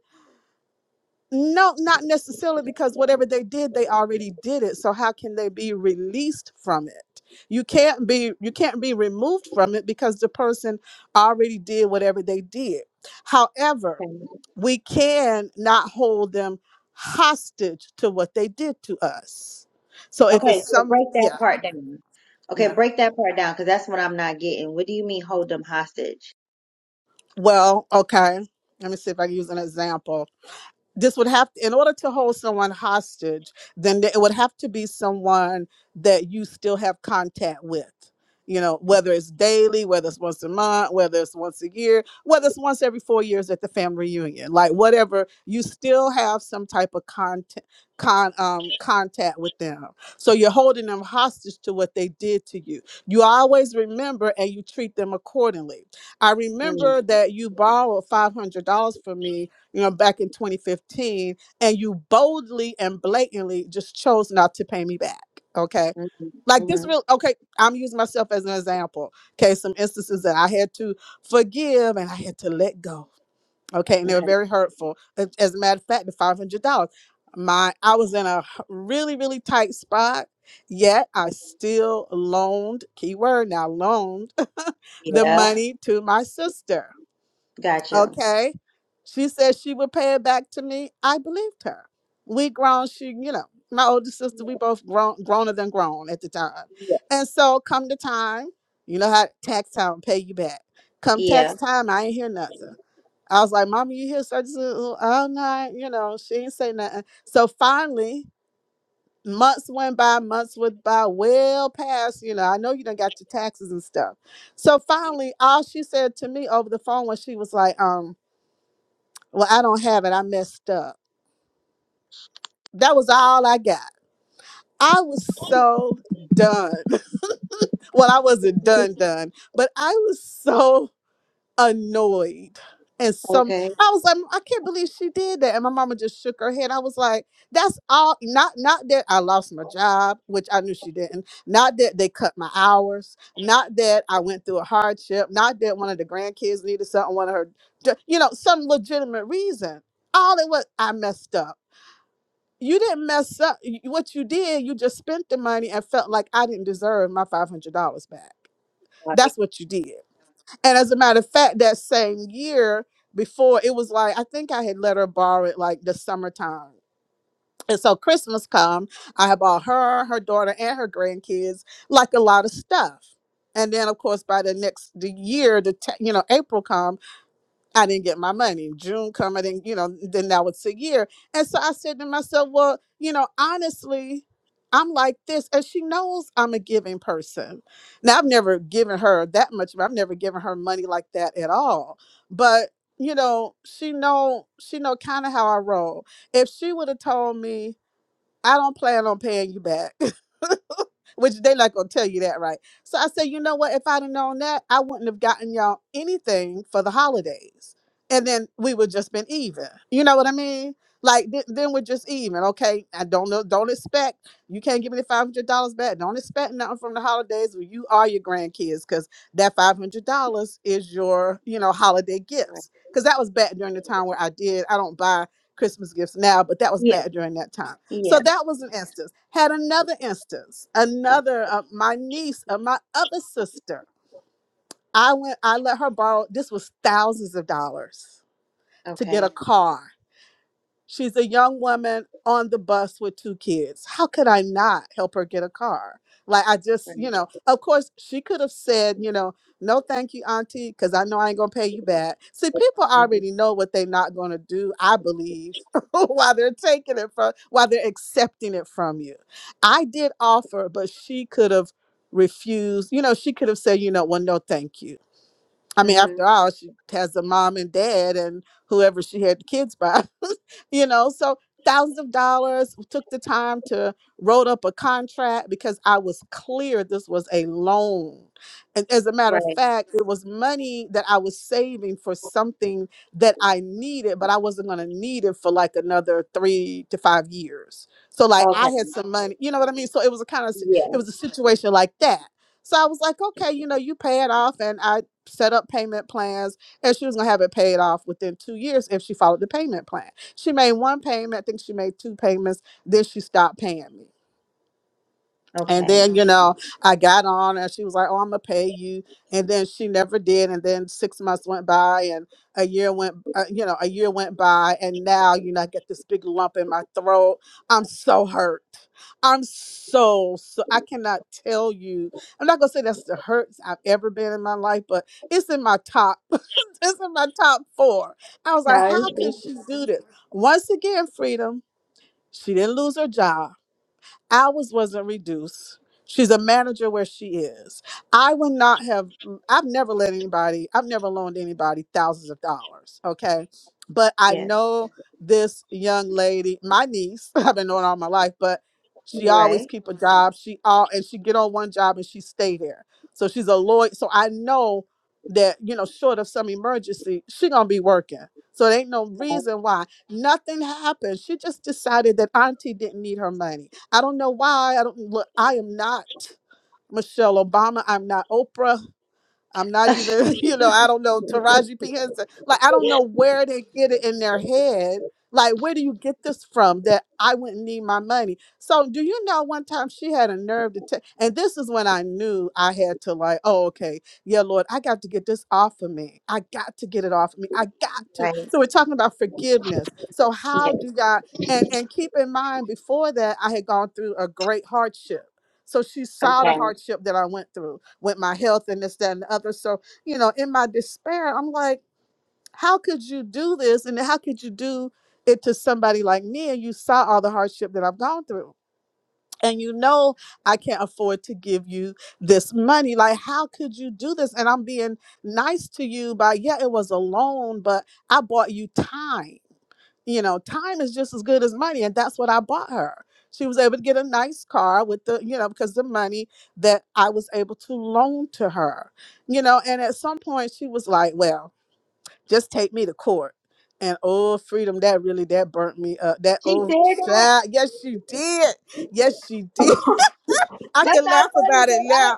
Speaker 2: No, not necessarily because whatever they did, they already did it. So how can they be released from it? You can't be you can't be removed from it because the person already did whatever they did. However,
Speaker 1: Okay.
Speaker 2: we can not hold them hostage to what they did to us. So if it's
Speaker 1: Okay. So
Speaker 2: some
Speaker 1: break that
Speaker 2: yeah,
Speaker 1: part down. Okay.
Speaker 2: yeah.
Speaker 1: Break that part down because that's what I'm not getting. What do you mean hold them hostage?
Speaker 2: Well, okay. Let me see if I can use an example. this would have in order to hold someone hostage then it would have to be someone that you still have contact with you know whether it's daily whether it's once a month whether it's once a year whether it's once every four years at the family reunion like whatever you still have some type of contact con um contact with them so you're holding them hostage to what they did to you you always remember and you treat them accordingly i remember
Speaker 1: Mm-hmm.
Speaker 2: that you borrowed $500 from me you know, back in 2015, and you boldly and blatantly just chose not to pay me back. Okay. Like this
Speaker 1: hmm
Speaker 2: real okay, I'm using myself as an example. Okay, some instances that I had to forgive and I had to let go. Okay, and they were
Speaker 1: Okay.
Speaker 2: very hurtful. A- As a matter of fact, the five hundred dollars. My I was in a h- really, really tight spot, yet I still loaned, keyword now loaned *laughs* the Yeah.
Speaker 1: Yeah.
Speaker 2: money to my sister.
Speaker 1: Got you.
Speaker 2: Okay. She said she would pay it back to me. I believed her. We grown, she, you know, my older sister, we both grown growner than grown at the time.
Speaker 1: Yeah.
Speaker 2: And so come the time, you know how tax time pay you back. Come
Speaker 1: Yeah.
Speaker 2: tax time, I ain't hear nothing. I was like, Mama, you hear such a I'm not, you know, she ain't say nothing. So finally, months went by, months went by, well past, you know, I know you done got your taxes and stuff. So finally, all she said to me over the phone was she was like, um, well, I don't have it. I messed up. That was all I got. I was so done. *laughs* Well, I wasn't done, done, but I was so annoyed. And some,
Speaker 1: Okay.
Speaker 2: I was like, I can't believe she did that. And my mama just shook her head. I was like, that's all. Not, not that I lost my job, which I knew she didn't. Not that they cut my hours. Not that I went through a hardship. Not that one of the grandkids needed something. One of her, you know, some legitimate reason all it was i messed up you didn't mess up. Y- What you did, you just spent the money and felt like I didn't deserve my five hundred dollars back.
Speaker 1: Right.
Speaker 2: That's what you did. And as a matter of fact, that same year before, it was like I think I had let her borrow it like the summertime. And so Christmas come, I had bought her, her daughter, and her grandkids like a lot of stuff. And then of course by the next the year, the te- you know April comes I didn't get my money. June come, I didn't, you know, then now it's a year. And so I said to myself, well, you know, honestly, I'm like this. And she knows I'm a giving person. Now, I've never given her that much. I've never given her money like that at all. But, you know, she know, she know kind of how I roll. If she would have told me, I don't plan on paying you back. *laughs* Which they not gonna tell you that, right? So I said, you know what? If I'd have known that, I wouldn't have gotten y'all anything for the holidays, and then we would just been even. You know what I mean? Like th- then we're just even, okay? I don't know. Don't expect you can't give me the five hundred dollars back. Don't expect nothing from the holidays when you are your grandkids, because that five hundred dollars is your, you know, holiday gifts. Because that was back during the time where I did. I don't buy Christmas gifts now, but that was
Speaker 1: Yeah.
Speaker 2: back during that time. So
Speaker 1: Yeah.
Speaker 2: that was an instance. Had another instance. Another, uh, my niece, uh, my other sister. I went. I let her borrow. This was thousands of dollars to get
Speaker 1: Okay.
Speaker 2: a car. She's a young woman on the bus with two kids. How could I not help her get a car? Like, I just,
Speaker 1: Right.
Speaker 2: you know, of course, she could have said, you know, no, thank you, Auntie, because I know I ain't going to pay you back. See, people
Speaker 1: Mm-hmm.
Speaker 2: already know what they're not going to do, I believe, *laughs* while they're taking it from, while they're accepting it from you. I did offer, but she could have refused. You know, she could have said, you know, well, no, thank you I mean,
Speaker 1: Mm-hmm.
Speaker 2: after all, she has a mom and dad and whoever she had the kids by, *laughs* you know. So thousands of dollars took the time to wrote up a contract because I was clear this was a loan. And as a matter of
Speaker 1: Right.
Speaker 2: fact, it was money that I was saving for something that I needed, but I wasn't gonna need it for like another three to five years. So like
Speaker 1: Okay.
Speaker 2: I had some money, you know what I mean? So it was a kind of
Speaker 1: Yeah.
Speaker 2: it was a situation like that. So I was like, okay, you know, you pay it off. And I set up payment plans and she was going to have it paid off within two years if she followed the payment plan. She made one payment, I think she made two payments, then she stopped paying me. And
Speaker 1: Okay.
Speaker 2: then, you know, I got on and she was like, Oh, I'm gonna pay you. And then she never did. And then six months went by and a year went, uh, you know, a year went by. And now, you know, I get this big lump in my throat. I'm so hurt. I'm so, so, I cannot tell you. I'm not gonna say that's the hurts I've ever been in my life, but it's in my top, *laughs* it's in my top four. I was like,
Speaker 1: No,
Speaker 2: How
Speaker 1: she,
Speaker 2: could she do this? Once again, freedom, she didn't lose her job Ours wasn't reduced. She's a manager where she is. I would not have, I've never let anybody, I've never loaned anybody thousands of dollars. Okay. But I
Speaker 1: yeah.
Speaker 2: know this young lady, my niece, *laughs* I've been knowing all my life, but she always
Speaker 1: Right.
Speaker 2: keep a job. She all and she get on one job and she stay there. So she's a lawyer. So I know that, you know, short of some emergency, she gonna be working. So there ain't no reason why. Nothing happened. She just decided that auntie didn't need her money. I don't know why. I don't look. I am not Michelle Obama. I'm not Oprah. I'm not
Speaker 1: Right. *laughs*
Speaker 2: even, *laughs* you know, I don't know, Taraji P. Henson. Like, I don't know where they get it in their head. Like, where do you get this from that I wouldn't need my money? So, do you know one time she had a nerve to take, and this is when I knew I had to, like, oh, okay, yeah, Lord, I got to get this off of me. I got to get it off of me. I got to.
Speaker 1: Right.
Speaker 2: So, we're talking about forgiveness. So,
Speaker 1: Yeah.
Speaker 2: how do God, and, and keep in mind, before that, I had gone through a great hardship. So, she saw the
Speaker 1: Okay.
Speaker 2: hardship that I went through with my health and this, that, and the other. So, you know, in my despair, I'm like, how could you do this? And how could you do it to somebody like me? And you saw all the hardship that I've gone through. And you know, I can't afford to give you this money. Like, how could you do this? And I'm being nice to you by, yeah, it was a loan, but I bought you time you know, time is just as good as money. And that's what I bought her. She was able to get a nice car with the, you know, because the money that I was able to loan to her, you know. And at some point she was like, well, just take me to court. And oh, freedom, that really, that burnt me up. That,
Speaker 1: She said
Speaker 2: oh,
Speaker 1: that.
Speaker 2: child. Yes, she did. Yes, she did. *laughs* I
Speaker 1: That's
Speaker 2: can
Speaker 1: not
Speaker 2: laugh
Speaker 1: funny,
Speaker 2: about it
Speaker 1: but I
Speaker 2: now.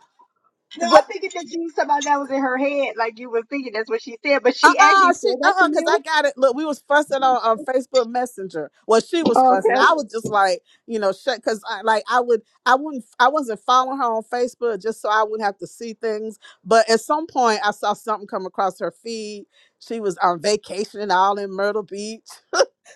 Speaker 1: no,
Speaker 2: What?
Speaker 1: I'm thinking that you somebody that was in her head, like you were thinking that's what she said, but she actually
Speaker 2: Uh-uh, she
Speaker 1: said that to
Speaker 2: uh-uh, because
Speaker 1: you.
Speaker 2: I got it. Look, we was fussing on, on Facebook Messenger. Well, she was
Speaker 1: Oh,
Speaker 2: fussing. I
Speaker 1: okay.
Speaker 2: was just like, you know, shut because I like I would I wouldn't I wasn't following her on Facebook just so I wouldn't have to see things. But at some point I saw something come across her feed. She was on vacation and all in Myrtle Beach.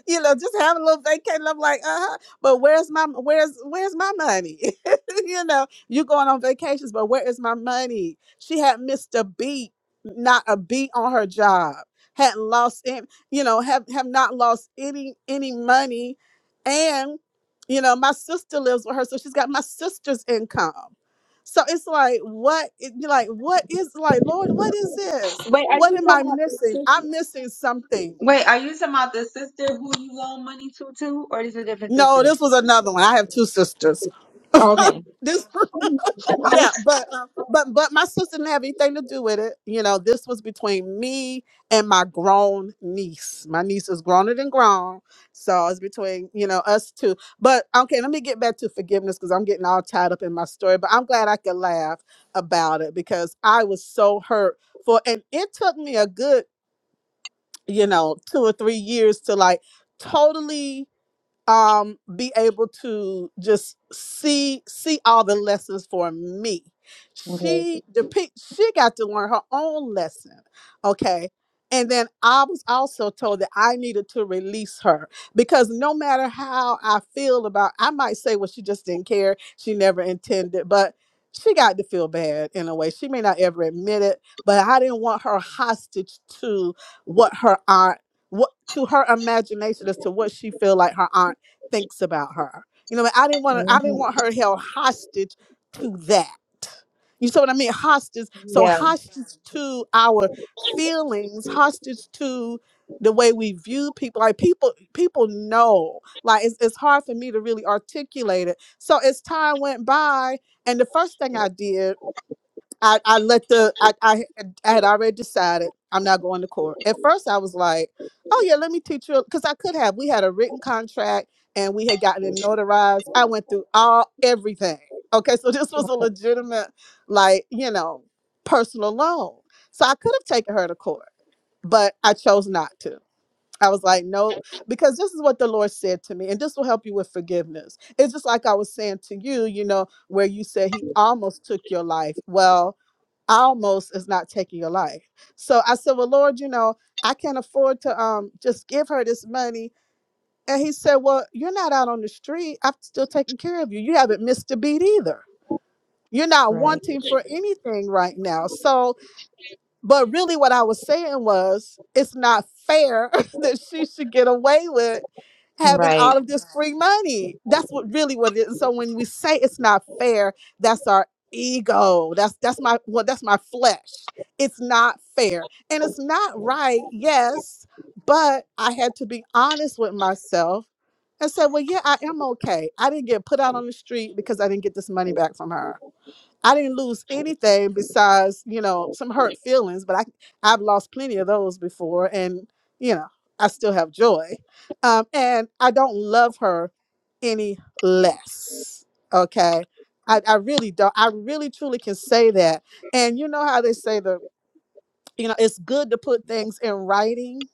Speaker 2: *laughs* you know, just having a little vacation. I'm like, uh huh. But where's my where's where's my money? *laughs* you know, you going on vacations, but where is my money? She had missed a beat, not a beat on her job. Hadn't lost any, you know, have have not lost any any money, and you know, my sister lives with her, so she's got my sister's income. So it's like, what, it- you're like, what is like, Lord, what is this?
Speaker 1: Wait, are
Speaker 2: What
Speaker 1: you
Speaker 2: am
Speaker 1: talking
Speaker 2: I
Speaker 1: about the
Speaker 2: missing?
Speaker 1: sister?
Speaker 2: I'm missing something.
Speaker 1: Wait, are you talking about the sister who you loan money to, too, or is it a different sister?
Speaker 2: No, this was another one. I have two sisters. *laughs*
Speaker 1: Okay.
Speaker 2: this, yeah, but um, but but my sister didn't have anything to do with it. You know, this was between me and my grown niece. My niece is growner than grown, so it's between you know us two. But okay, let me get back to forgiveness because I'm getting all tied up in my story. But I'm glad I could laugh about it because I was so hurt for, and it took me a good you know two or three years to like totally um be able to just see see all the lessons for me
Speaker 1: Okay.
Speaker 2: she depict she got to learn her own lesson okay and then i was also told that i needed to release her because no matter how i feel about i might say well she just didn't care she never intended but she got to feel bad in a way she may not ever admit it but i didn't want her hostage to what her aunt what to her imagination as to what she feel like her aunt thinks about her. You know, I didn't want to, I didn't
Speaker 1: Mhm.
Speaker 2: want her held hostage to that. You see what I mean? Hostage. So
Speaker 1: Yeah.
Speaker 2: hostage Mhm. to our feelings, hostage to the way we view people. Like people, people know. Like it's, it's hard for me to really articulate it. So as time went by, and the first thing I did I, I let the I, I I had already decided I'm not going to court. At first I was like, oh yeah, let me teach you because I could have. We had a written contract and we had gotten it notarized. I went through all everything. Okay, so *laughs* this was a legitimate, like, you know, personal loan. So I could have taken her to court, but I chose not to. I was like, nope, because this is what the Lord said to me, and this will help you with forgiveness. It's just like I was saying to you, you know, where you said he almost took your life. Well, almost is not taking your life. So I said, Well, Lord, you know, I can't afford to um just give her this money. And he said, Well, you're not out on the street. I'm still taking care of you. You haven't missed a beat either. You're not
Speaker 1: Right.
Speaker 2: wanting for anything right now. So but really, what I was saying was, it's not fair *laughs* that she should get away with having
Speaker 1: Right.
Speaker 2: all of this free money. That's what really what it is. So when we say it's not fair, that's our ego. That's that's my well, that's my flesh. It's not fair, and it's not right. Yes, but I had to be honest with myself and say, well, yeah, I am okay. I didn't get put out on the street because I didn't get this money back from her I didn't lose anything besides, you know, some hurt feelings, but I I've lost plenty of those before and, you know, I still have joy. Um and I don't love her any less. Okay? I, I really don't. I really truly can say that. And you know how they say the you know, it's good to put things in writing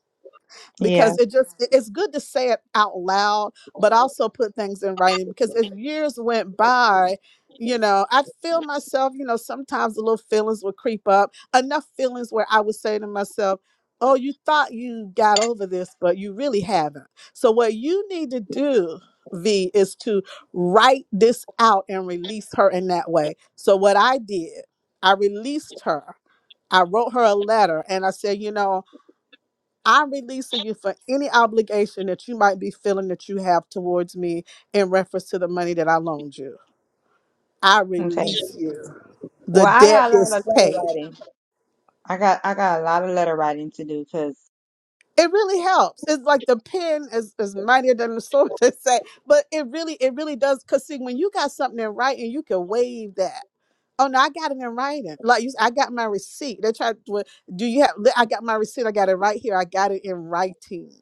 Speaker 1: Yeah.
Speaker 2: because it just it- it's good to say it out loud but also put things in writing because as years went by you know i feel myself you know sometimes the little feelings would creep up enough feelings where i would say to myself oh you thought you got over this but you really haven't so what you need to do v is to write this out and release her in that way so what i did i released her i wrote her a letter and i said you know I'm releasing you for any obligation that you might be feeling that you have towards me in reference to the money that I loaned you. I
Speaker 1: Okay.
Speaker 2: release you. The
Speaker 1: Well, I
Speaker 2: debt
Speaker 1: got a lot
Speaker 2: is
Speaker 1: of letter
Speaker 2: paid.
Speaker 1: writing. I got I got a lot of letter writing to do because
Speaker 2: It really helps. It's like the pen is, is mightier than the *laughs* sword to say, but it really, it really does. Cause see, when you got something in writing, you can waive that. Oh no, I got it in writing. Like you, s- I got my receipt. They tried. to- Do you have? I got my receipt. I got it right here. I got it in writing.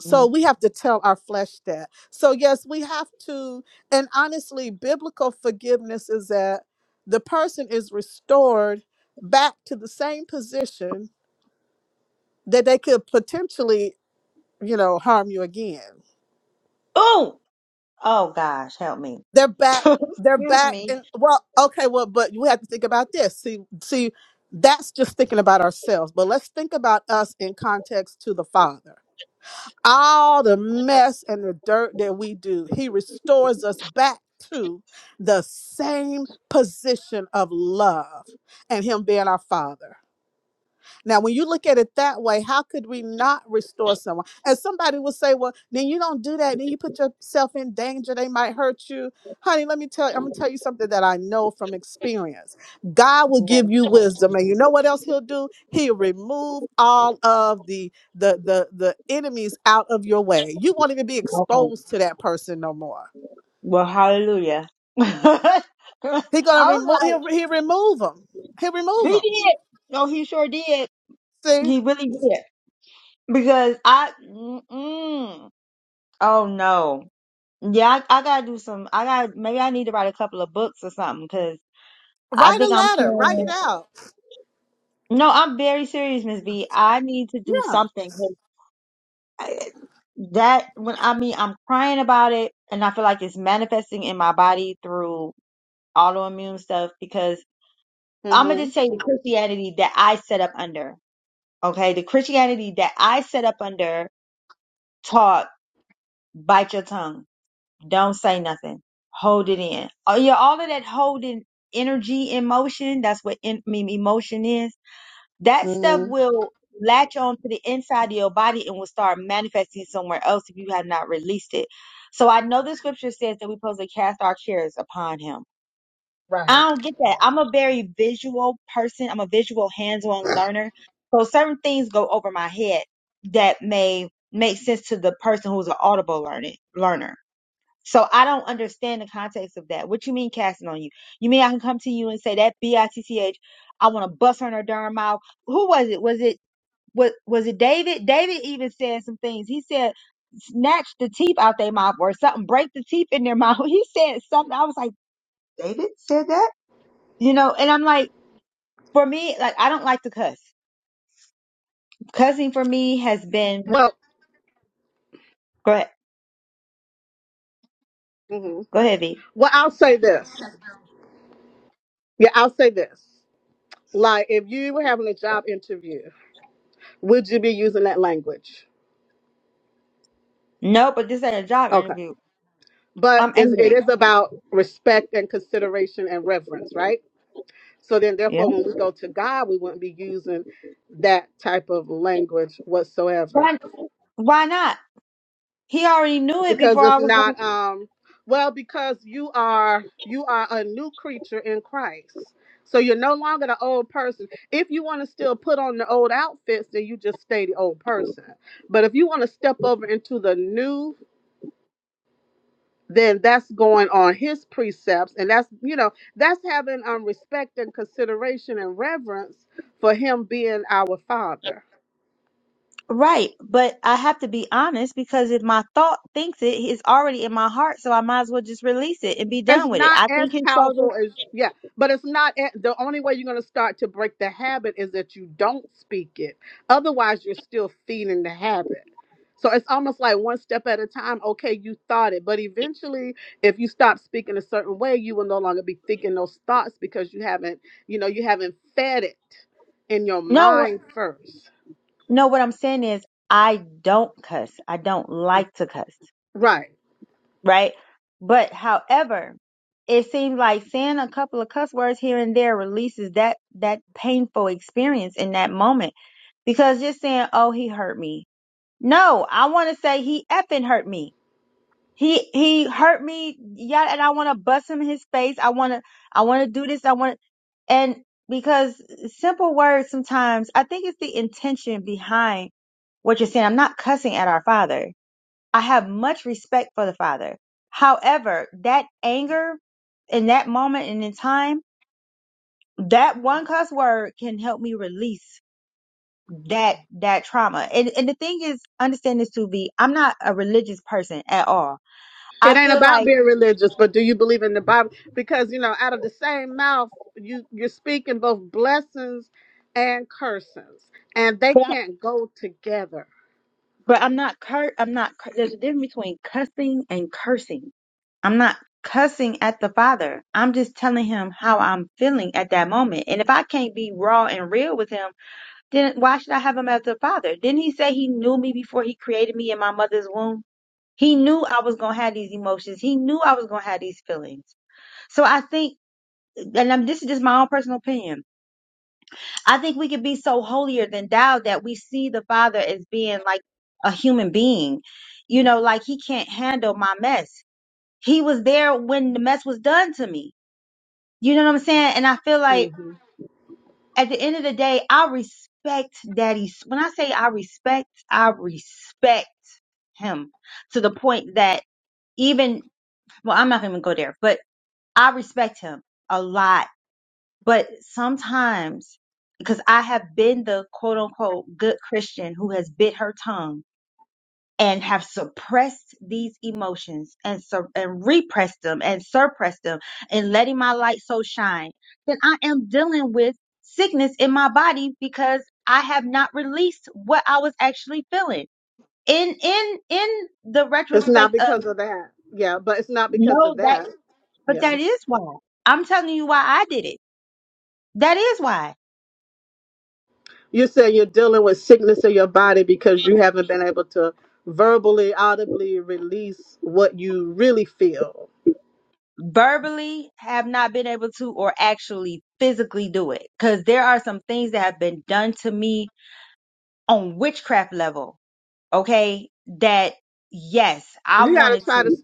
Speaker 2: so we have to tell our flesh that so yes we have to and honestly biblical forgiveness is that the person is restored back to the same position that they could potentially you know harm you again
Speaker 1: oh oh gosh help me
Speaker 2: they're
Speaker 1: *laughs*
Speaker 2: back they're
Speaker 1: excuse
Speaker 2: back
Speaker 1: me
Speaker 2: and well okay well but we have to think about this see see that's just thinking about ourselves but let's think about us in context to the father all the mess and the dirt that we do. He restores us back to the same position of love and Him being our Father. Now, when you look at it that way, how could we not restore someone? And somebody will say, well, then you don't do that. Then you put yourself in danger. They might hurt you. Honey, let me tell you, I'm going to tell you something that I know from experience. God will
Speaker 1: Okay.
Speaker 2: give you wisdom. And you know what else he'll do? He'll remove all of the, the, the, the enemies out of your way. You won't even be exposed to that person no more.
Speaker 1: well hallelujah *laughs* I
Speaker 2: He going to
Speaker 1: was
Speaker 2: remove,
Speaker 1: like
Speaker 2: he'll, he'll remove them. He'll
Speaker 1: he
Speaker 2: remove them.
Speaker 1: did no he sure did
Speaker 2: See,
Speaker 1: he really did because I mm-mm. oh no yeah I, I gotta do some I got to maybe I need to write a couple of books or something because I
Speaker 2: write
Speaker 1: think I'm
Speaker 2: a letter, write it
Speaker 1: carrying
Speaker 2: out.
Speaker 1: no I'm very serious Miss B I need to do
Speaker 2: Yeah.
Speaker 1: something that when I mean I'm crying about it and I feel like it's manifesting in my body through autoimmune stuff because I'm gonna just
Speaker 2: Mm-hmm.
Speaker 1: tell you the Christianity that I set up under. Okay, the Christianity that I set up under taught bite your tongue, don't say nothing, hold it in. Oh yeah, all of that holding energy, emotion. That's what in, I mean, emotion is that stuff will latch on to the inside of your body and will start manifesting somewhere else if you have not released it. So I know the scripture says that we're supposed to cast our cares upon him. I
Speaker 2: Right.
Speaker 1: don't get that. I'm a very visual person. I'm a visual hands-on learner. So certain things go over my head that may make sense to the person who's an audible learning learner. So I don't understand the context of that. What you mean casting on you? You mean I can come to you and say that B I T C H I want to bust her in her darn mouth? who was it? Was it was was it David? David even said some things. He said, snatch the teeth out their mouth or something, break the teeth in their mouth. *laughs* He said something. I was like, David said that? You know, and I'm like, for me, like I don't like to cuss. Cussing for me has been
Speaker 2: Well,
Speaker 1: go ahead.
Speaker 2: hmm
Speaker 1: Go ahead, V.
Speaker 2: Well, I'll say this. Yeah, I'll say this. Like, if you were having a job interview, would you be using that language?
Speaker 1: No, but this ain't a job
Speaker 2: Okay.
Speaker 1: interview.
Speaker 2: But
Speaker 1: I'm
Speaker 2: is it
Speaker 1: angry.
Speaker 2: is about respect and consideration and reverence, right? So then,
Speaker 1: Yeah.
Speaker 2: therefore, when we go to God, we wouldn't be using that type of language whatsoever.
Speaker 1: Why why not? He already knew it before
Speaker 2: because
Speaker 1: I
Speaker 2: it's
Speaker 1: was
Speaker 2: not um well because you are you are a new creature in christ so you're no longer the old person if you want to still put on the old outfits then you just stay the old person but if you want to step over into the new then that's going on his precepts and that's you know that's having um respect and consideration and reverence for him being our father
Speaker 1: Right, but I have to be honest because if my thought thinks it, it's already in my heart, so I might as well just release it and be
Speaker 2: It's
Speaker 1: done with it.
Speaker 2: not
Speaker 1: I
Speaker 2: as
Speaker 1: think his shoulders.
Speaker 2: powerful as yeah, but it's not a the only way you're going to start to break the habit is that you don't speak it. Otherwise, you're still feeding the habit. So it's almost like one step at a time. Okay, you thought it, but eventually, if you stop speaking a certain way, you will no longer be thinking those thoughts because you haven't, you know, you haven't fed it in your
Speaker 1: No, what-
Speaker 2: mind first.
Speaker 1: no. What I'm saying is, I don't cuss. I don't like to cuss.
Speaker 2: Right.
Speaker 1: Right, but however, it seems like saying a couple of cuss words here and there releases that that painful experience in that moment. Because just saying, "Oh, he hurt me," no, I want to say he effing hurt me. He he hurt me, yeah, and I want to bust him in his face. I want to I want to do this. I want and because simple words sometimes, I think it's the intention behind what you're saying. I'm not cussing at our father. I have much respect for the father. However, that anger in that moment and in time, that one cuss word can help me release that that trauma. And and the thing is, understand this to be, I'm not a religious person at all. I
Speaker 2: It ain't
Speaker 1: feel
Speaker 2: about
Speaker 1: like
Speaker 2: being religious, but do you believe in the Bible? Because you know, out of the same mouth, you you're speaking both blessings and cursings, and they can't go together.
Speaker 1: But I'm not cur I'm not cur there's a difference between cussing and cursing. I'm not cussing at the father. I'm just telling him how I'm feeling at that moment. And if I can't be raw and real with him, then why should I have him as a father? Didn't he say he knew me before he created me in my mother's womb? He knew I was going to have these emotions. He knew I was going to have these feelings. So I think and I'm, this is just my own personal opinion. I think we could be so holier than thou that we see the Father as being like a human being. You know, like he can't handle my mess. He was there when the mess was done to me. You know what I'm saying? And I feel like
Speaker 2: hmm
Speaker 1: at the end of the day, I respect daddy's. When I say I respect, I respect him to the point that even, well, I'm not going to go there, but I respect him a lot But sometimes, because I have been the quote unquote good Christian who has bit her tongue and have suppressed these emotions and sur- and repressed them and suppressed them and letting my light so shine, then I am dealing with sickness in my body because I have not released what I was actually feeling. In in in the
Speaker 2: It's not
Speaker 1: retrospect of
Speaker 2: because of that, yeah, but it's not because
Speaker 1: no
Speaker 2: of
Speaker 1: that
Speaker 2: that,
Speaker 1: but
Speaker 2: yeah.
Speaker 1: that is why. I'm telling you why I did it. That is why.
Speaker 2: You say you're dealing with sickness in your body because you haven't been able to verbally, audibly release what you really feel.
Speaker 1: verbally have not been able to or actually physically do it because there are some things that have been done to me on witchcraft level okay that yes i
Speaker 2: You got to
Speaker 1: wanted
Speaker 2: try to.
Speaker 1: to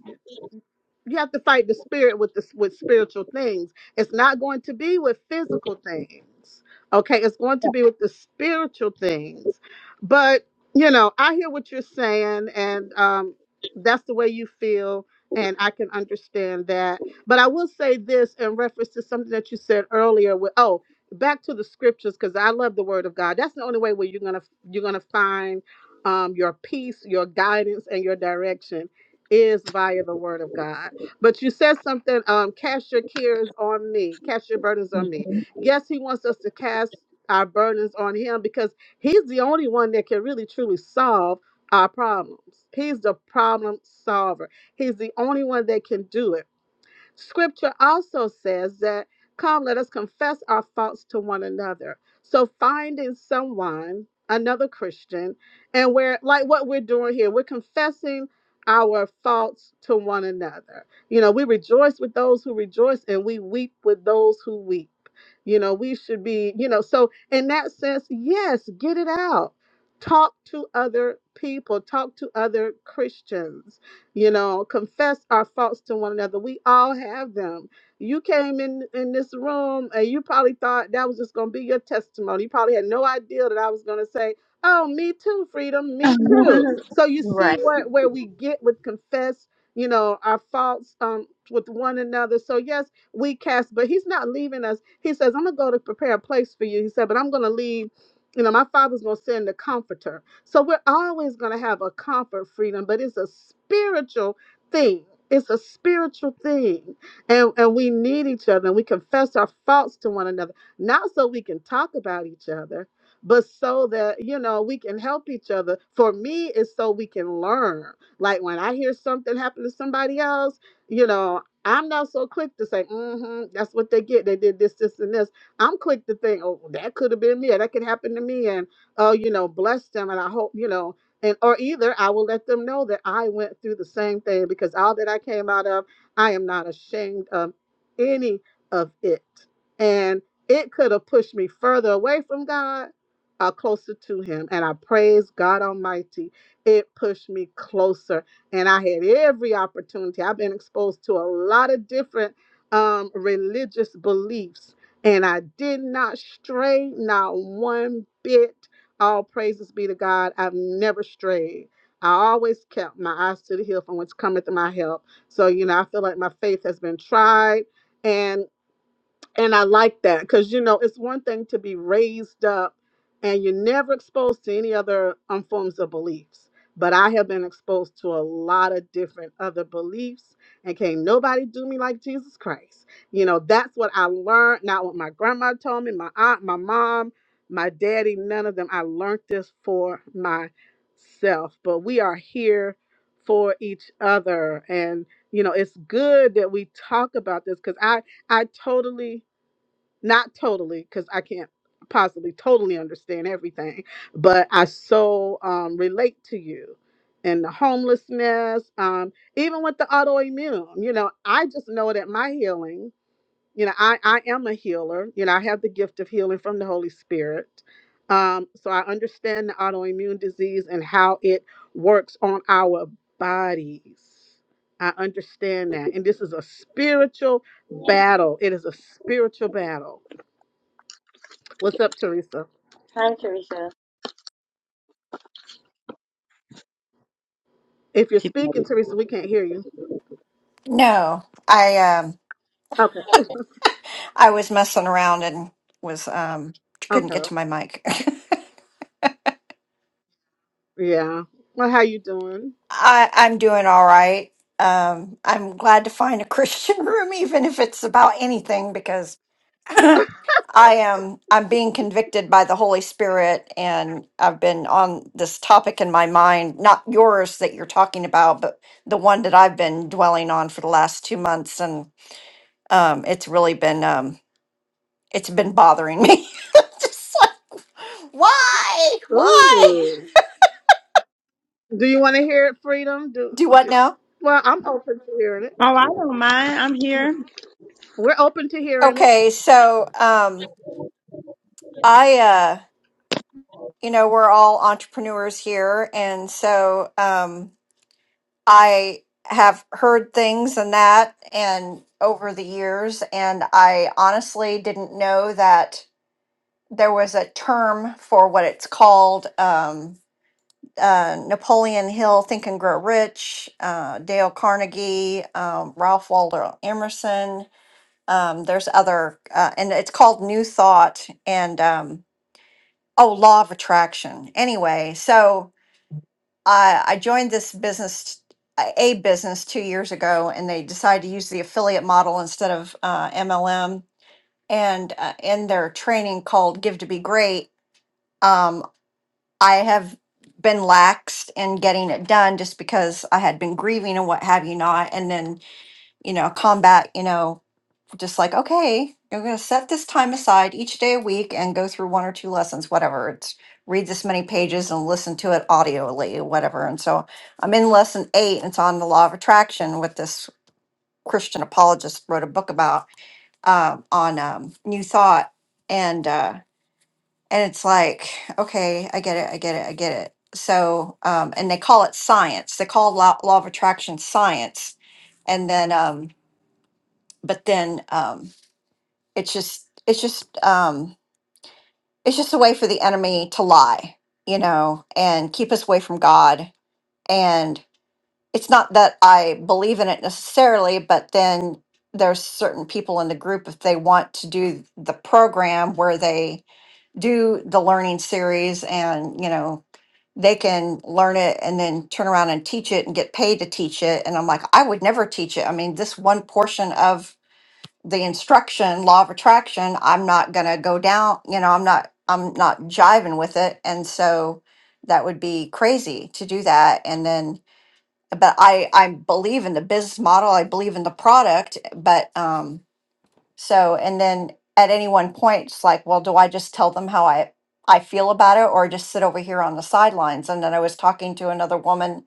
Speaker 2: you have to fight the spirit with this with spiritual things it's not going to be with physical things okay it's going to be with the spiritual things but you know i hear what you're saying and um that's the way you feel and i can understand that but i will say this in reference to something that you said earlier with oh back to the scriptures because i love the word of god that's the only way where you're gonna you're gonna find um your peace your guidance and your direction is via the word of God. But you said something, um, cast your cares on me, cast your burdens on me. Yes, he wants us to cast our burdens on him because he's the only one that can really truly solve our problems. He's the problem solver. He's the only one that can do it. Scripture also says that, Come, let us confess our faults to one another. So, finding someone, another Christian, and we're like what we're doing here, we're confessing our faults to one another. You know, we rejoice with those who rejoice and we weep with those who weep. You know, we should be, you know, so in that sense, yes, get it out. Talk to other people, talk to other Christians you know, confess our faults to one another. We all have them. You came in in this room and you probably thought that was just going to be your testimony. You probably had no idea that I was going to say, "Oh, me too, freedom,
Speaker 1: *laughs*
Speaker 2: me too."
Speaker 1: oh,
Speaker 2: So you see where where we get with confess, you know, our faults um with one another. So yes, we cast, but he's not leaving us. He says, "I'm going to go to prepare a place for you." He said, "But I'm going to leave, you know, my father's going to send the comforter." So we're always going to have a comfort freedom, but it's a spiritual thing. It's a spiritual thing. And, and we need each other and we confess our faults to one another, not so we can talk about each other, but so that, you know, we can help each other. For me, it's so we can learn. Like when I hear something happen to somebody else, you know, I'm not so quick to say, mm-hmm, that's what they get. They did this, this, and this. I'm quick to think, oh, that could have been me, or that could happen to me. And oh, you know, bless them. And I hope, you know, and or either I will let them know that I went through the same thing because all that I came out of, I am not ashamed of any of it. And it could have pushed me further away from God or closer to Him. And I praise God Almighty. It pushed me closer. And I had every opportunity. I've been exposed to a lot of different um, religious beliefs. And I did not stray not one bit all praises be to God. I've never strayed. I always kept my eyes to the hill from whence cometh my help. So, you know, I feel like my faith has been tried. and. And I like that because, you know, it's one thing to be raised up and you're never exposed to any other um, forms of beliefs. But I have been exposed to a lot of different other beliefs and can't nobody do me like Jesus Christ. You know, that's what I learned, not what my grandma told me, my aunt, my mom, my daddy, none of them. I learned this for myself. But we are here for each other. And, you know, it's good that we talk about this because I, I totally not totally because i can't possibly totally understand everything but i so um, relate to you and the homelessness um, even with the autoimmune you know i just know that my healing you know i i am a healer you know i have the gift of healing from the holy spirit um, so i understand the autoimmune disease and how it works on our bodies i understand that and this is a spiritual battle it is a spiritual battle What's up, Teresa? If you're speaking, Teresa, we can't hear you.
Speaker 3: No, I um
Speaker 2: Okay.
Speaker 3: I was messing around and was um couldn't
Speaker 2: Okay.
Speaker 3: get to my mic. *laughs*
Speaker 2: Yeah. Well, how you doing?
Speaker 3: I I'm doing all right. Um I'm glad to find a Christian *laughs* room even if it's about anything because *laughs* *clears throat* I am I'm being convicted by the Holy Spirit and I've been on this topic in my mind, not yours that you're talking about, but the one that I've been dwelling on for the last 2 months and um it's really been um it's been bothering me. *laughs* Why? Why?
Speaker 2: Ooh. Do you want to hear it, Freedom? Do,
Speaker 3: Do what
Speaker 2: do
Speaker 3: now?
Speaker 2: well, I'm open to hearing it.
Speaker 1: I don't mind. I'm
Speaker 2: Yeah.
Speaker 1: here.
Speaker 2: We're open to hearing it.
Speaker 3: Okay, so um I uh you know, we're all entrepreneurs here and so um I have heard things and that and over the years and I honestly didn't know that there was a term for what it's called um uh, Napoleon Hill, Think and Grow Rich, uh, Dale Carnegie, um, Ralph Waldo Emerson, um, there's other uh, and it's called new thought and um, oh law of attraction anyway so i i joined this business uh, a business two years ago and they decided to use the affiliate model instead of uh, mlm and uh, in their training called give to be great um, i have been laxed in getting it done just because i had been grieving and what have you not and then you know combat you know just like, okay, you're going to set this time aside each day a week and go through one or two lessons, whatever. It's read this many pages and listen to it audioly, whatever. And so I'm in lesson eight, and it's on the law of attraction, what this Christian apologist wrote a book about um, on um, New Thought. And, uh, and it's like, okay, I get it, I get it, I get it. So, um, and they call it science. They call law, law of attraction science. And then, um, but then, um, it's just it's just um it's just a way for the enemy to lie you know and keep us away from god and it's not that i believe in it necessarily but then there's certain people in the group if they want to do the program where they do the learning series and you know they can learn it and then turn around and teach it and get paid to teach it and i'm like i would never teach it i mean this one portion of the instruction law of attraction i'm not going to go down you know i'm not i'm not jiving with it and so that would be crazy to do that and then but i i believe in the business model i believe in the product but um so and then at any one point it's like well do i just tell them how i i feel about it or just sit over here on the sidelines and then i was talking to another woman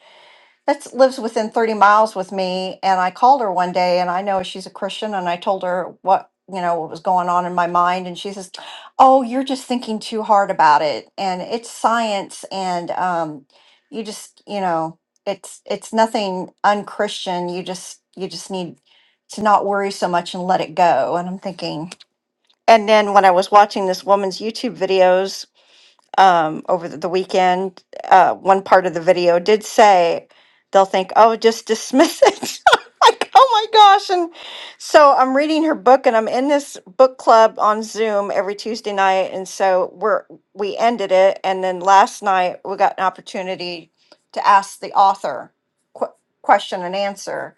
Speaker 3: that lives within 30 miles with me and i called her one day and i know she's a christian and i told her what you know what was going on in my mind and she says oh you're just thinking too hard about it and it's science and um, you just you know it's it's nothing unchristian you just you just need to not worry so much and let it go and i'm thinking and then when i was watching this woman's youtube videos um, over the the weekend. Uh, one part of the video did say they'll think, "Oh, just dismiss it." *laughs* like, oh my gosh! And so I'm reading her book, and I'm in this book club on Zoom every Tuesday night, and so we're we ended it, and then last night we got an opportunity to ask the author qu- question and answer.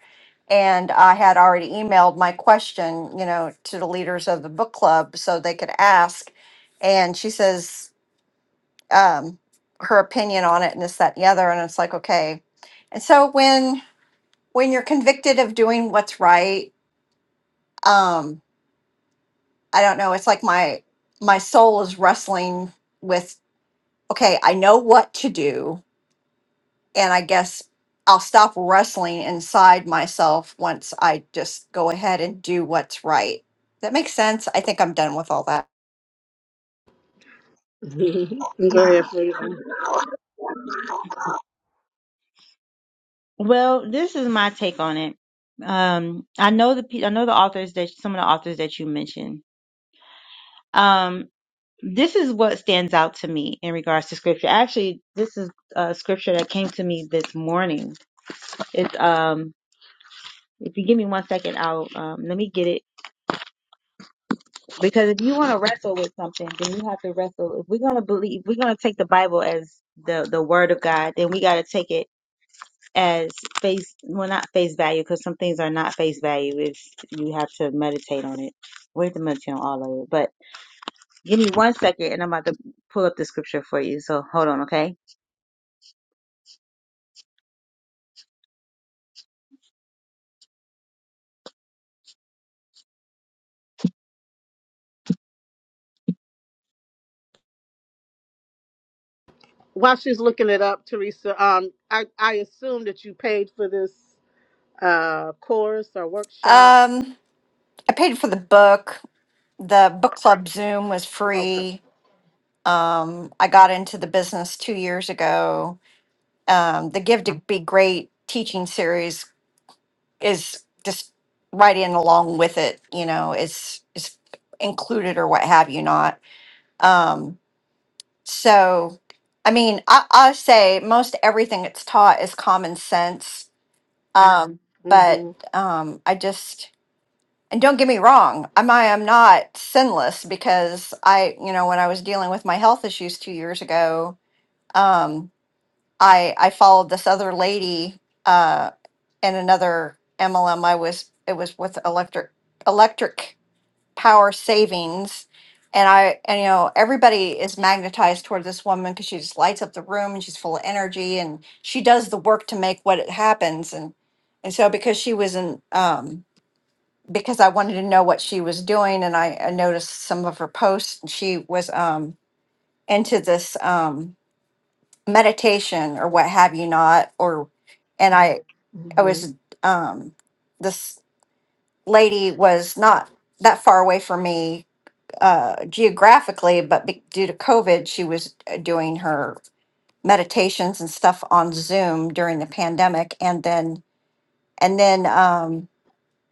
Speaker 3: And I had already emailed my question, you know, to the leaders of the book club so they could ask. And she says, um, her opinion on it and this, that, and the other. And it's like, okay. And so when when you're convicted of doing what's right, um, I don't know. It's like my my soul is wrestling with, okay, I know what to do, and I guess I'll stop wrestling inside myself once I just go ahead and do what's right. That makes sense. I think I'm done with all that.
Speaker 2: Go ahead, Freedom.
Speaker 1: Well, this is my take on it. Um, I know the pe- I know the authors that some of the authors that you mentioned. Um, this is what stands out to me in regards to scripture. Actually, this is a scripture that came to me this morning. It's um If you give me one second, I'll um, let me get it. Because if you want to wrestle with something, then you have to wrestle. If we're gonna believe, if we're gonna take the Bible as the the word of God, then we got to take it as face well, not face value, because some things are not face value. If you have to meditate on it, we have to meditate on all of it. But give me one second, and I'm about to pull up the scripture for you. So hold on, okay?
Speaker 2: While she's looking it up, Teresa, um, I, I assume that you paid for this uh course or workshop.
Speaker 3: Um, I paid for the book. The book club Zoom was
Speaker 2: Okay.
Speaker 3: free Um, I got into the business two years ago. Um, the Give to Be Great teaching series is just right in along with it. You know, it's it's included or what have you not. Um, so, I mean, I, I say most everything it's taught is common sense. Mhm. Um, but
Speaker 2: Mm-hmm.
Speaker 3: um, I just and don't get me wrong, I'm I am not sinless because I, you know, when I was dealing with my health issues two years ago. um, I I followed this other lady uh and another MLM I was it was with electric electric power savings and I and you know everybody is magnetized toward this woman because she just lights up the room and she's full of energy and she does the work to make what it happens and and so because she was in um because I wanted to know what she was doing and I, I noticed some of her posts and she was um into this um meditation or what have you not or and i i
Speaker 2: hmm
Speaker 3: was um this lady was not that far away from me uh geographically but be- due to covid she was uh, doing her meditations and stuff on zoom during the pandemic and then and then um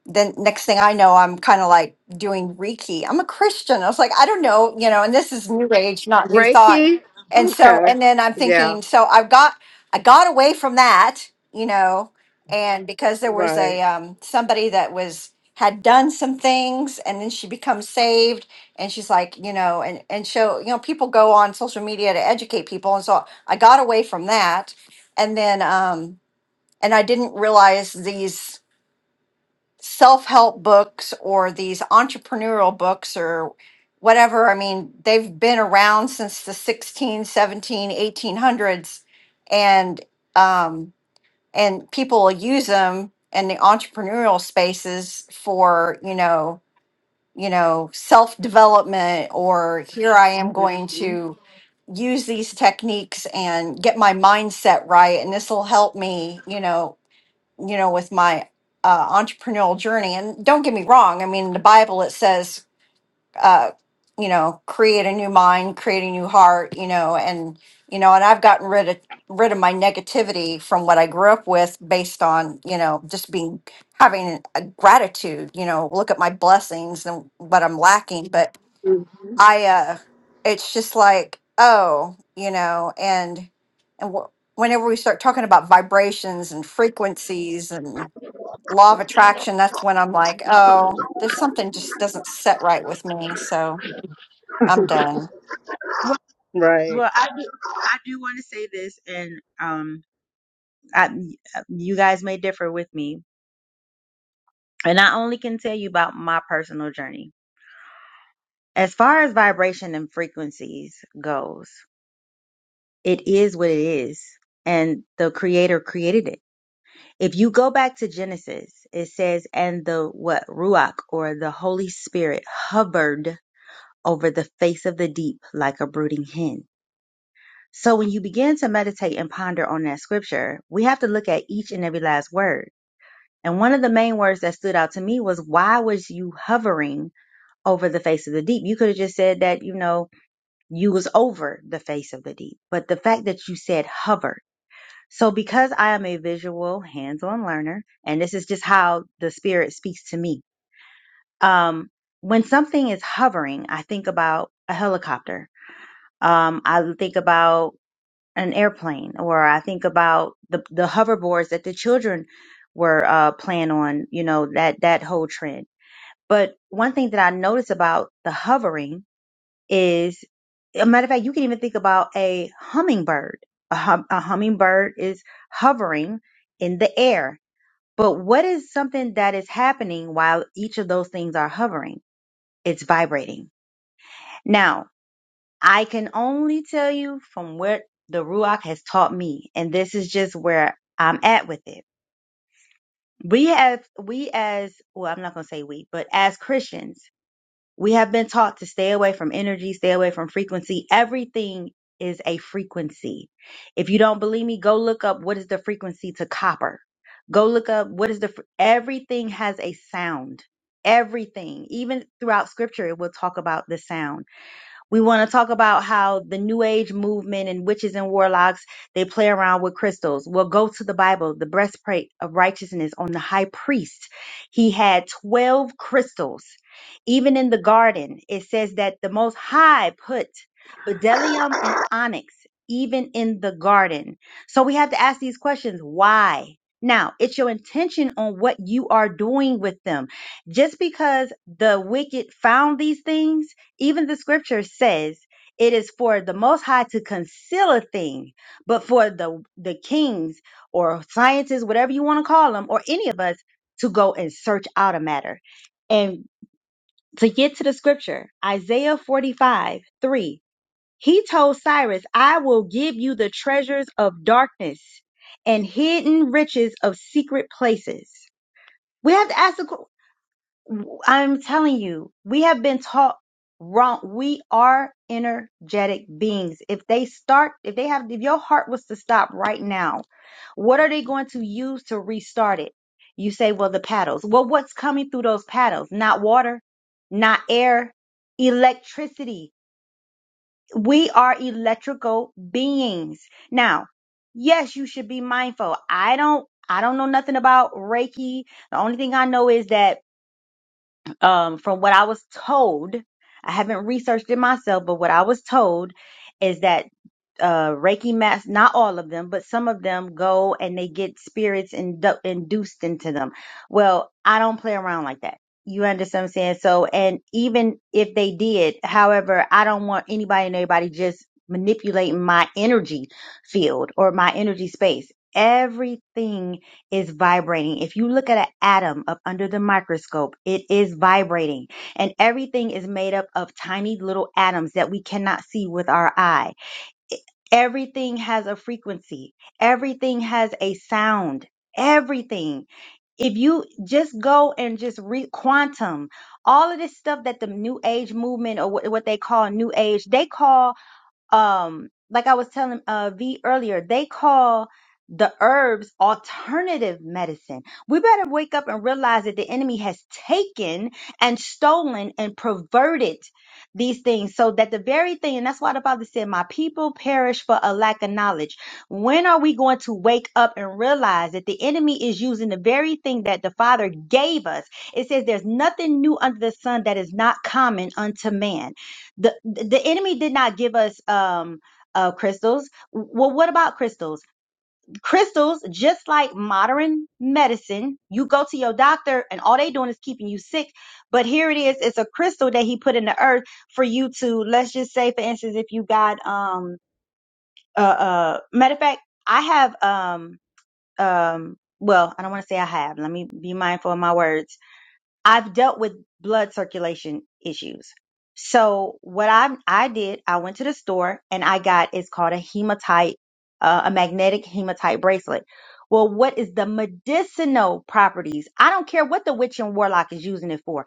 Speaker 3: then next thing I know, I'm kind of like doing Reiki. I'm a Christian. I was like, I don't know, you know, and this is new age, not new thought.
Speaker 2: Reiki?
Speaker 3: And so,
Speaker 2: Okay.
Speaker 3: and then I'm
Speaker 2: Yeah.
Speaker 3: thinking, so I've got, I got away from that, you know, and because there was
Speaker 2: Right.
Speaker 3: a, um, somebody that was, had done some things and then she becomes saved and she's like, you know, and, and so, you know, people go on social media to educate people. And so I got away from that. And then, um, and I didn't realize these self-help books or these entrepreneurial books or whatever i mean they've been around since the 16 17 1800s and um, and people use them in the entrepreneurial spaces for you know you know self-development or here i am going to use these techniques and get my mindset right and this will help me you know you know, with my uh, entrepreneurial journey. And don't get me wrong, I mean, in the Bible it says, uh, you know, create a new mind, create a new heart, you know, and you know, and I've gotten rid of rid of my negativity from what I grew up with based on, you know, just being having a gratitude, you know, look at my blessings and what I'm lacking. But
Speaker 2: hmm
Speaker 3: I uh it's just like, oh, you know, and and wh- whenever we start talking about vibrations and frequencies and law of attraction, that's when I'm like, oh, there's something just doesn't set right with me. So I'm
Speaker 2: *laughs*
Speaker 3: done.
Speaker 2: Right.
Speaker 1: Well, I do. I do want to say this, and um, I, you guys may differ with me, And I only can tell you about my personal journey. As far as vibration and frequencies goes, it is what it is. And the creator created it. If you go back to Genesis, it says, and the what? Ruach or the Holy Spirit hovered over the face of the deep like a brooding hen. So when you begin to meditate and ponder on that scripture, we have to look at each and every last word. And one of the main words that stood out to me was, why was you hovering over the face of the deep. You could have just said that, you know, you was over the face of the deep. But the fact that you said hovered. So because I am a visual hands-on learner, and this is just how the spirit speaks to me. Um, when something is hovering, I think about a helicopter. Um, I think about an airplane or I think about the, the hoverboards that the children were, uh, playing on, you know, that, that whole trend. But one thing that I notice about the hovering is a matter of fact, you can even think about a hummingbird. A, hum, a hummingbird is hovering in the air. But what is something that is happening while each of those things are hovering? It's vibrating. Now, I can only tell you from what the Ruach has taught me, and this is just where I'm at with it. We have, we as, well, I'm not going to say we, but as Christians, We have been taught to stay away from energy, stay away from frequency. Everything is a frequency. If you don't believe me, go look up what is the frequency to copper. Go look up what is the fr- everything has a sound. Everything, even throughout scripture, it will talk about the sound. We want to talk about how the New Age movement and witches and warlocks, they play around with crystals. We'll go to the Bible, the breastplate of righteousness on the high priest. He had 12 crystals. Even in the garden, it says that the Most High put bdellium and onyx, even in the garden. So we have to ask these questions why? Now, it's your intention on what you are doing with them. Just because the wicked found these things, even the scripture says it is for the most high to conceal a thing but for the the kings or scientists whatever you want to call them or any of us to go and search out a matter and to get to the scripture isaiah 45 3 he told cyrus i will give you the treasures of darkness and hidden riches of secret places we have to ask I'm telling you, we have been taught wrong. We are energetic beings. If they start, if they have, if your heart was to stop right now, what are they going to use to restart it? You say, well, the paddles. Well, what's coming through those paddles? Not water, not air, electricity. We are electrical beings. Now, yes, you should be mindful. I don't, I don't know nothing about Reiki. The only thing I know is that um, from what I was told, I haven't researched it myself, but what I was told is that uh, Reiki masters, not all of them, but some of them go and they get spirits indu- induced into them. Well, I don't play around like that. You understand what I'm saying? So, and even if they did, however, I don't want anybody and everybody just manipulating my energy field or my energy space. Everything is vibrating. If you look at an atom up under the microscope, it is vibrating and everything is made up of tiny little atoms that we cannot see with our eye Everything has a frequency. Everything has a sound. Everything. If you just go and just read quantum, all of this stuff that the new age movement or what, what they call new age, they call um like i was telling uh v earlier they call the herbs alternative medicine we better wake up and realize that the enemy has taken and stolen and perverted these things so that the very thing and that's why the father said my people perish for a lack of knowledge when are we going to wake up and realize that the enemy is using the very thing that the father gave us it says there's nothing new under the sun that is not common unto man the the enemy did not give us um uh crystals well what about crystals crystals just like modern medicine you go to your doctor and all they doing is keeping you sick but here it is it's a crystal that he put in the earth for you to let's just say for instance if you got um uh uh matter of fact i have um um well i don't want to say i have let me be mindful of my words I've dealt with blood circulation issues. So what I I did, I went to the store and I got it's called a hematite, uh, a magnetic hematite bracelet. Well, what is the medicinal properties? I don't care what the witch and warlock is using it for.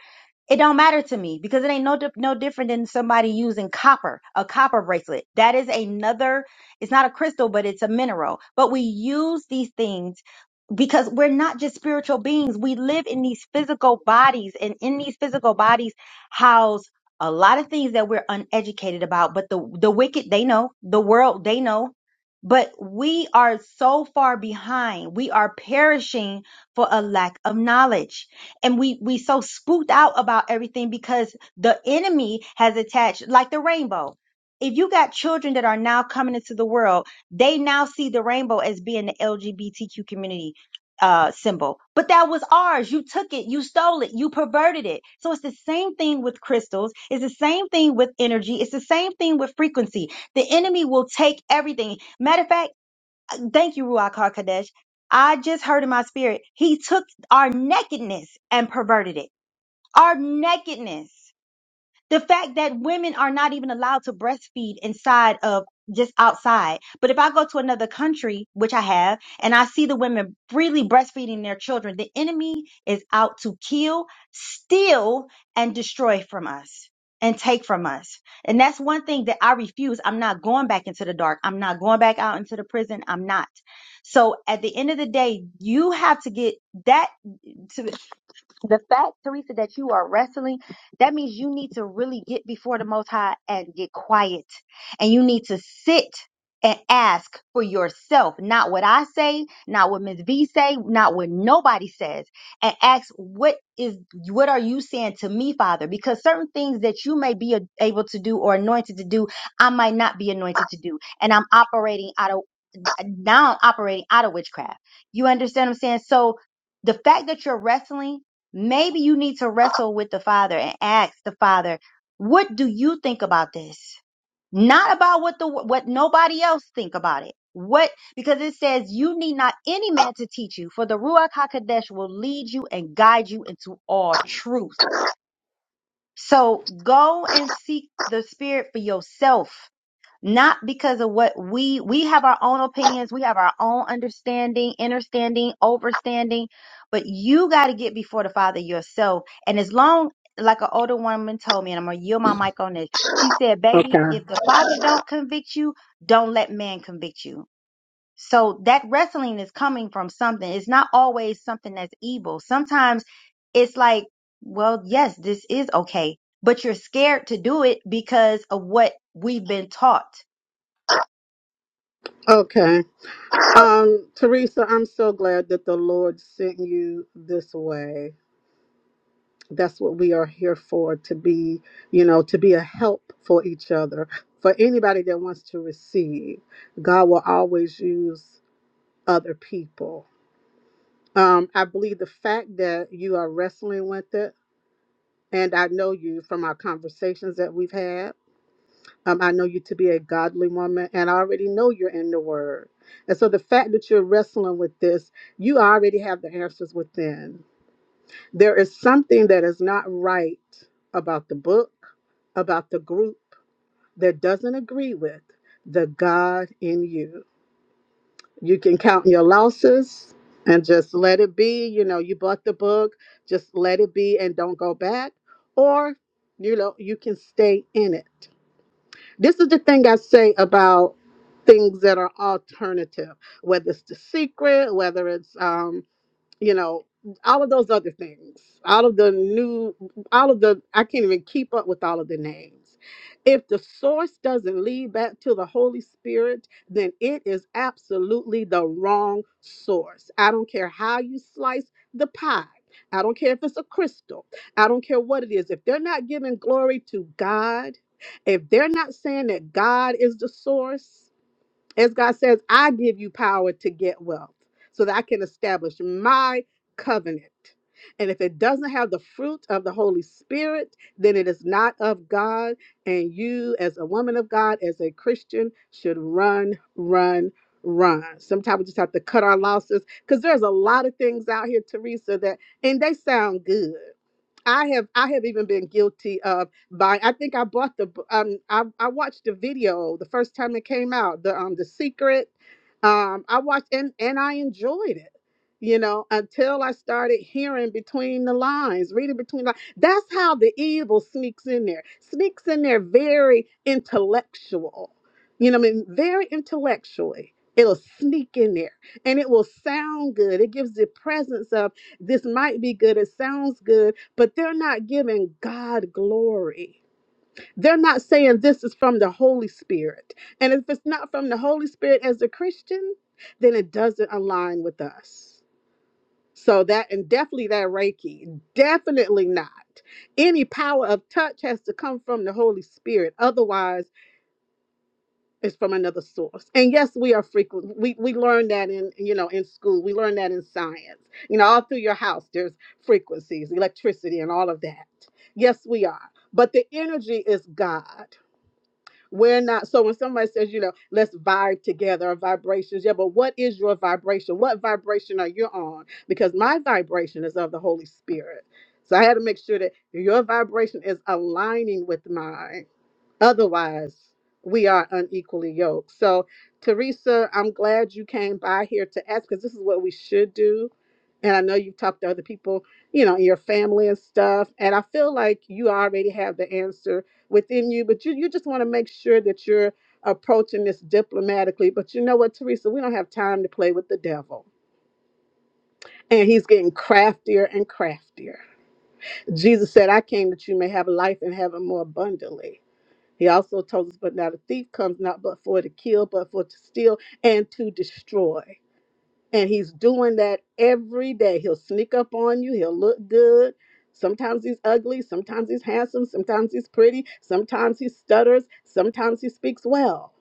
Speaker 1: It don't matter to me because it ain't no di- no different than somebody using copper, a copper bracelet. That is another. It's not a crystal, but it's a mineral. But we use these things because we're not just spiritual beings. We live in these physical bodies, and in these physical bodies house a lot of things that we're uneducated about. But the the wicked, they know. The world, they know. But we are so far behind. We are perishing for a lack of knowledge. And we we so spooked out about everything because the enemy has attached like the rainbow. If you got children that are now coming into the world, they now see the rainbow as being the LGBTQ community uh, symbol. But that was ours. You took it. You stole it. You perverted it. So it's the same thing with crystals. It's the same thing with energy. It's the same thing with frequency. The enemy will take everything. Matter of fact, uh, thank you, Ruach HaKodesh. I just heard in my spirit, he took our nakedness and perverted it. Our nakedness the fact that women are not even allowed to breastfeed inside of just outside. But if I go to another country, which I have, and I see the women freely breastfeeding their children, the enemy is out to kill, steal, and destroy from us and take from us. And that's one thing that I refuse. I'm not going back into the dark. I'm not going back out into the prison. I'm not. So at the end of the day, you have to get that to the fact, Teresa, that you are wrestling, that means you need to really get before the Most High and get quiet. And you need to sit and ask for yourself, not what I say, not what Ms. V say, not what nobody says, and ask what is what are you saying to me, Father? Because certain things that you may be a- able to do or anointed to do, I might not be anointed to do, and I'm operating out of now operating out of witchcraft. You understand what I'm saying? So the fact that you're wrestling, maybe you need to wrestle with the Father and ask the Father, what do you think about this? Not about what the what nobody else think about it. What because it says you need not any man to teach you, for the Ruach Hakodesh will lead you and guide you into all truth. So go and seek the Spirit for yourself not because of what we we have our own opinions, we have our own understanding, understanding, overstanding, but you got to get before the Father yourself. And as long like an older woman told me, and I'm gonna yield my mic on this. She said, "Baby,
Speaker 2: Okay.
Speaker 1: if the Father don't convict you, don't let man convict you." So that wrestling is coming from something. It's not always something that's evil. Sometimes it's like, well, yes, this is okay, but you're scared to do it because of what we've been taught
Speaker 2: Okay. Um, Teresa, I'm so glad that the Lord sent you this way. That's what we are here for to be, you know, to be a help for each other. For anybody that wants to receive, God will always use other people. Um, I believe the fact that you are wrestling with it, and I know you from our conversations that we've had, Um, I know you to be a godly woman, and I already know you're in the Word. And so the fact that you're wrestling with this, you already have the answers within. There is something that is not right about the book, about the group that doesn't agree with the God in you. You can count your losses and just let it be. You know, you bought the book, just let it be and don't go back. Or, you know, you can stay in it this is the thing I say about things that are alternative, whether it's the secret, whether it's um, you know all of those other things all of the new all of the i can't even keep up with all of the names if the source doesn't lead back to the holy spirit then it is absolutely the wrong source i don't care how you slice the pie i don't care if it's a crystal i don't care what it is if they're not giving glory to god if they're not saying that god is the source as God says, I give you power to get wealth so that I can establish my covenant. And if it doesn't have the fruit of the Holy Spirit, then it is not of God. And you, as a woman of God, as a Christian, should run, run, run. Sometimes we just have to cut our losses because there's a lot of things out here, Teresa, that, and they sound good. I have I have even been guilty of buying. I think I bought the b- um I, I watched the video the first time it came out the um the secret um I watched and and I enjoyed it you know until I started hearing between the lines reading between the lines. that's how the evil sneaks in there sneaks in there very intellectual you know what I mean very intellectually it'll sneak in there and it will sound good it gives the presence of this might be good it sounds good but they're not giving God glory. They're not saying this is from the Holy Spirit. And if it's not from the Holy Spirit as a Christian, then it doesn't align with us. So that, and definitely that Reiki, definitely not. Any power of touch has to come from the Holy Spirit. Otherwise, is from another source. And yes, we are frequent. We we learn that in you know in school. We learn that in science. You know, all through your house, there's frequencies, electricity, and all of that. Yes, we are. But the energy is God. We're not. So when somebody says, you know, let's vibe together, or vibrations. Yeah, but what is your vibration? What vibration are you on? Because my vibration is of the Holy Spirit. So I had to make sure that your vibration is aligning with mine Otherwise, we are unequally yoked. So, Teresa, I'm glad you came by here to ask because this is what we should do. And I know you've talked to other people, you know, in your family and stuff. And I feel like you already have the answer within you, but you, you just want to make sure that you're approaching this diplomatically. But you know what, Teresa, we don't have time to play with the devil. And he's getting craftier and craftier. Jesus said, I came that you may have life and have it more abundantly. He also told us, but now the thief comes not but for to kill, but for to steal and to destroy. And he's doing that every day. He'll sneak up on you, he'll look good. Sometimes he's ugly, sometimes he's handsome, sometimes he's pretty, sometimes he stutters, sometimes he speaks well,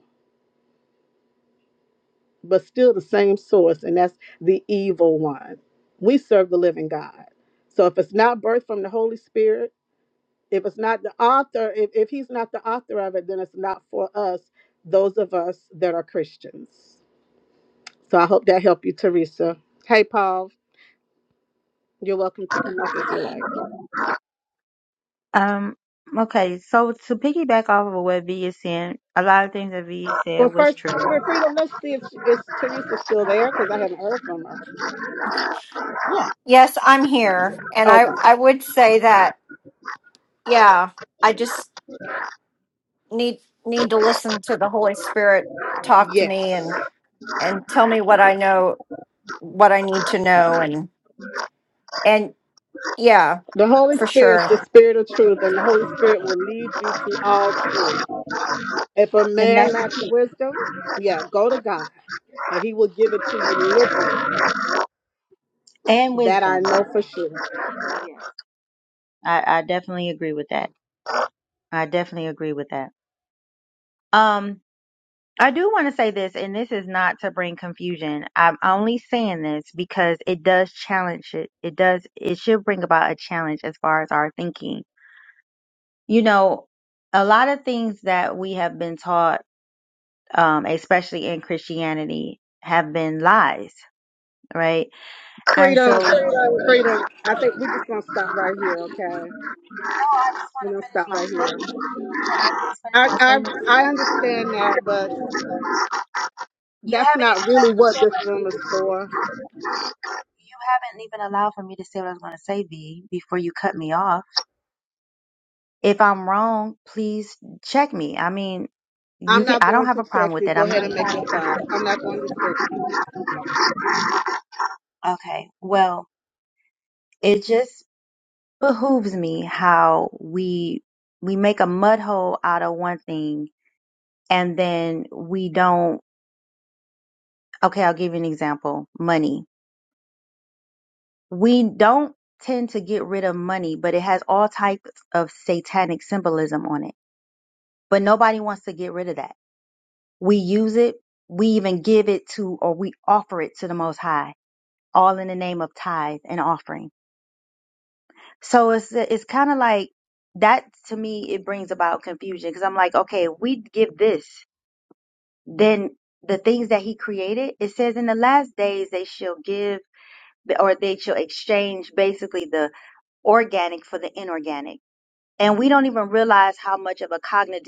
Speaker 2: but still the same source, and that's the evil one. We serve the living God. So if it's not birthed from the Holy Spirit, if it's not the author, if, if he's not the author of it, then it's not for us, those of us that are Christians. So I hope that helped you, Teresa. Hey, Paul, you're welcome to come up if you like.
Speaker 1: Um, okay, so to piggyback off of what V is saying, a lot of things that V said
Speaker 2: Well,
Speaker 1: was
Speaker 2: first,
Speaker 1: true,
Speaker 2: for freedom, let's see if, if Teresa's still there because I haven't heard from her.
Speaker 3: Yes, I'm here. And I,
Speaker 2: Okay.
Speaker 3: I would say that, yeah, I just need need to listen to the Holy Spirit talk to me
Speaker 2: Yes.
Speaker 3: and and tell me what I know what I need to know and and yeah,
Speaker 2: The Holy
Speaker 3: for
Speaker 2: Spirit is
Speaker 3: sure.
Speaker 2: the spirit of truth, and the Holy Spirit will lead you to all truth. If a
Speaker 1: and
Speaker 2: man
Speaker 1: that's the
Speaker 2: lacks
Speaker 1: key
Speaker 2: wisdom, yeah, go to God, and he will give it to you liberally.
Speaker 1: and
Speaker 2: That I
Speaker 1: wisdom.
Speaker 2: know for sure.
Speaker 1: Yes, I, I definitely agree with that. I definitely agree with that. Um, I do want to say this, and this is not to bring confusion. I'm only saying this because it does challenge it. It does. It should bring about a challenge as far as our thinking. You know, a lot of things that we have been taught, um, especially in Christianity, have been lies right? And so,
Speaker 2: Freedom,
Speaker 1: no,
Speaker 2: freedom. I think we're just gonna stop right here, okay?
Speaker 1: I just want
Speaker 2: We're gonna
Speaker 1: to finish
Speaker 2: stop
Speaker 1: my
Speaker 2: right here.
Speaker 1: statement. I just finish
Speaker 2: I
Speaker 1: my
Speaker 2: I
Speaker 1: statement?
Speaker 2: I understand that, but
Speaker 1: You
Speaker 2: that's
Speaker 1: haven't
Speaker 2: not
Speaker 1: even
Speaker 2: really what this room is for.
Speaker 1: you haven't even allowed for me to say what I was going to say, B, before you cut me off. If I'm wrong, please check me. I mean, you
Speaker 2: I'm
Speaker 1: can.
Speaker 2: not
Speaker 1: I don't
Speaker 2: going
Speaker 1: have a
Speaker 2: to
Speaker 1: problem
Speaker 2: check
Speaker 1: with
Speaker 2: you.
Speaker 1: that.
Speaker 2: Go
Speaker 1: I'm
Speaker 2: ahead
Speaker 1: not
Speaker 2: and make your thought. I'm not going to check you.
Speaker 1: okay. Well, it just behooves me how we we make a mud hole out of one thing, and then we don't. Okay, I'll give you an example. Money we don't tend to get rid of money, but it has all types of satanic symbolism on it. But nobody wants to get rid of that. We use it, we even give it to, or we offer it to the Most High, all in the name of tithe and offering. So it's it's kind of like that to me. It brings about confusion because I'm like, okay, if we give this, then the things that He created. It says in the last days they shall give, or they shall exchange, basically the organic for the inorganic and we don't even realize how much of a cognitive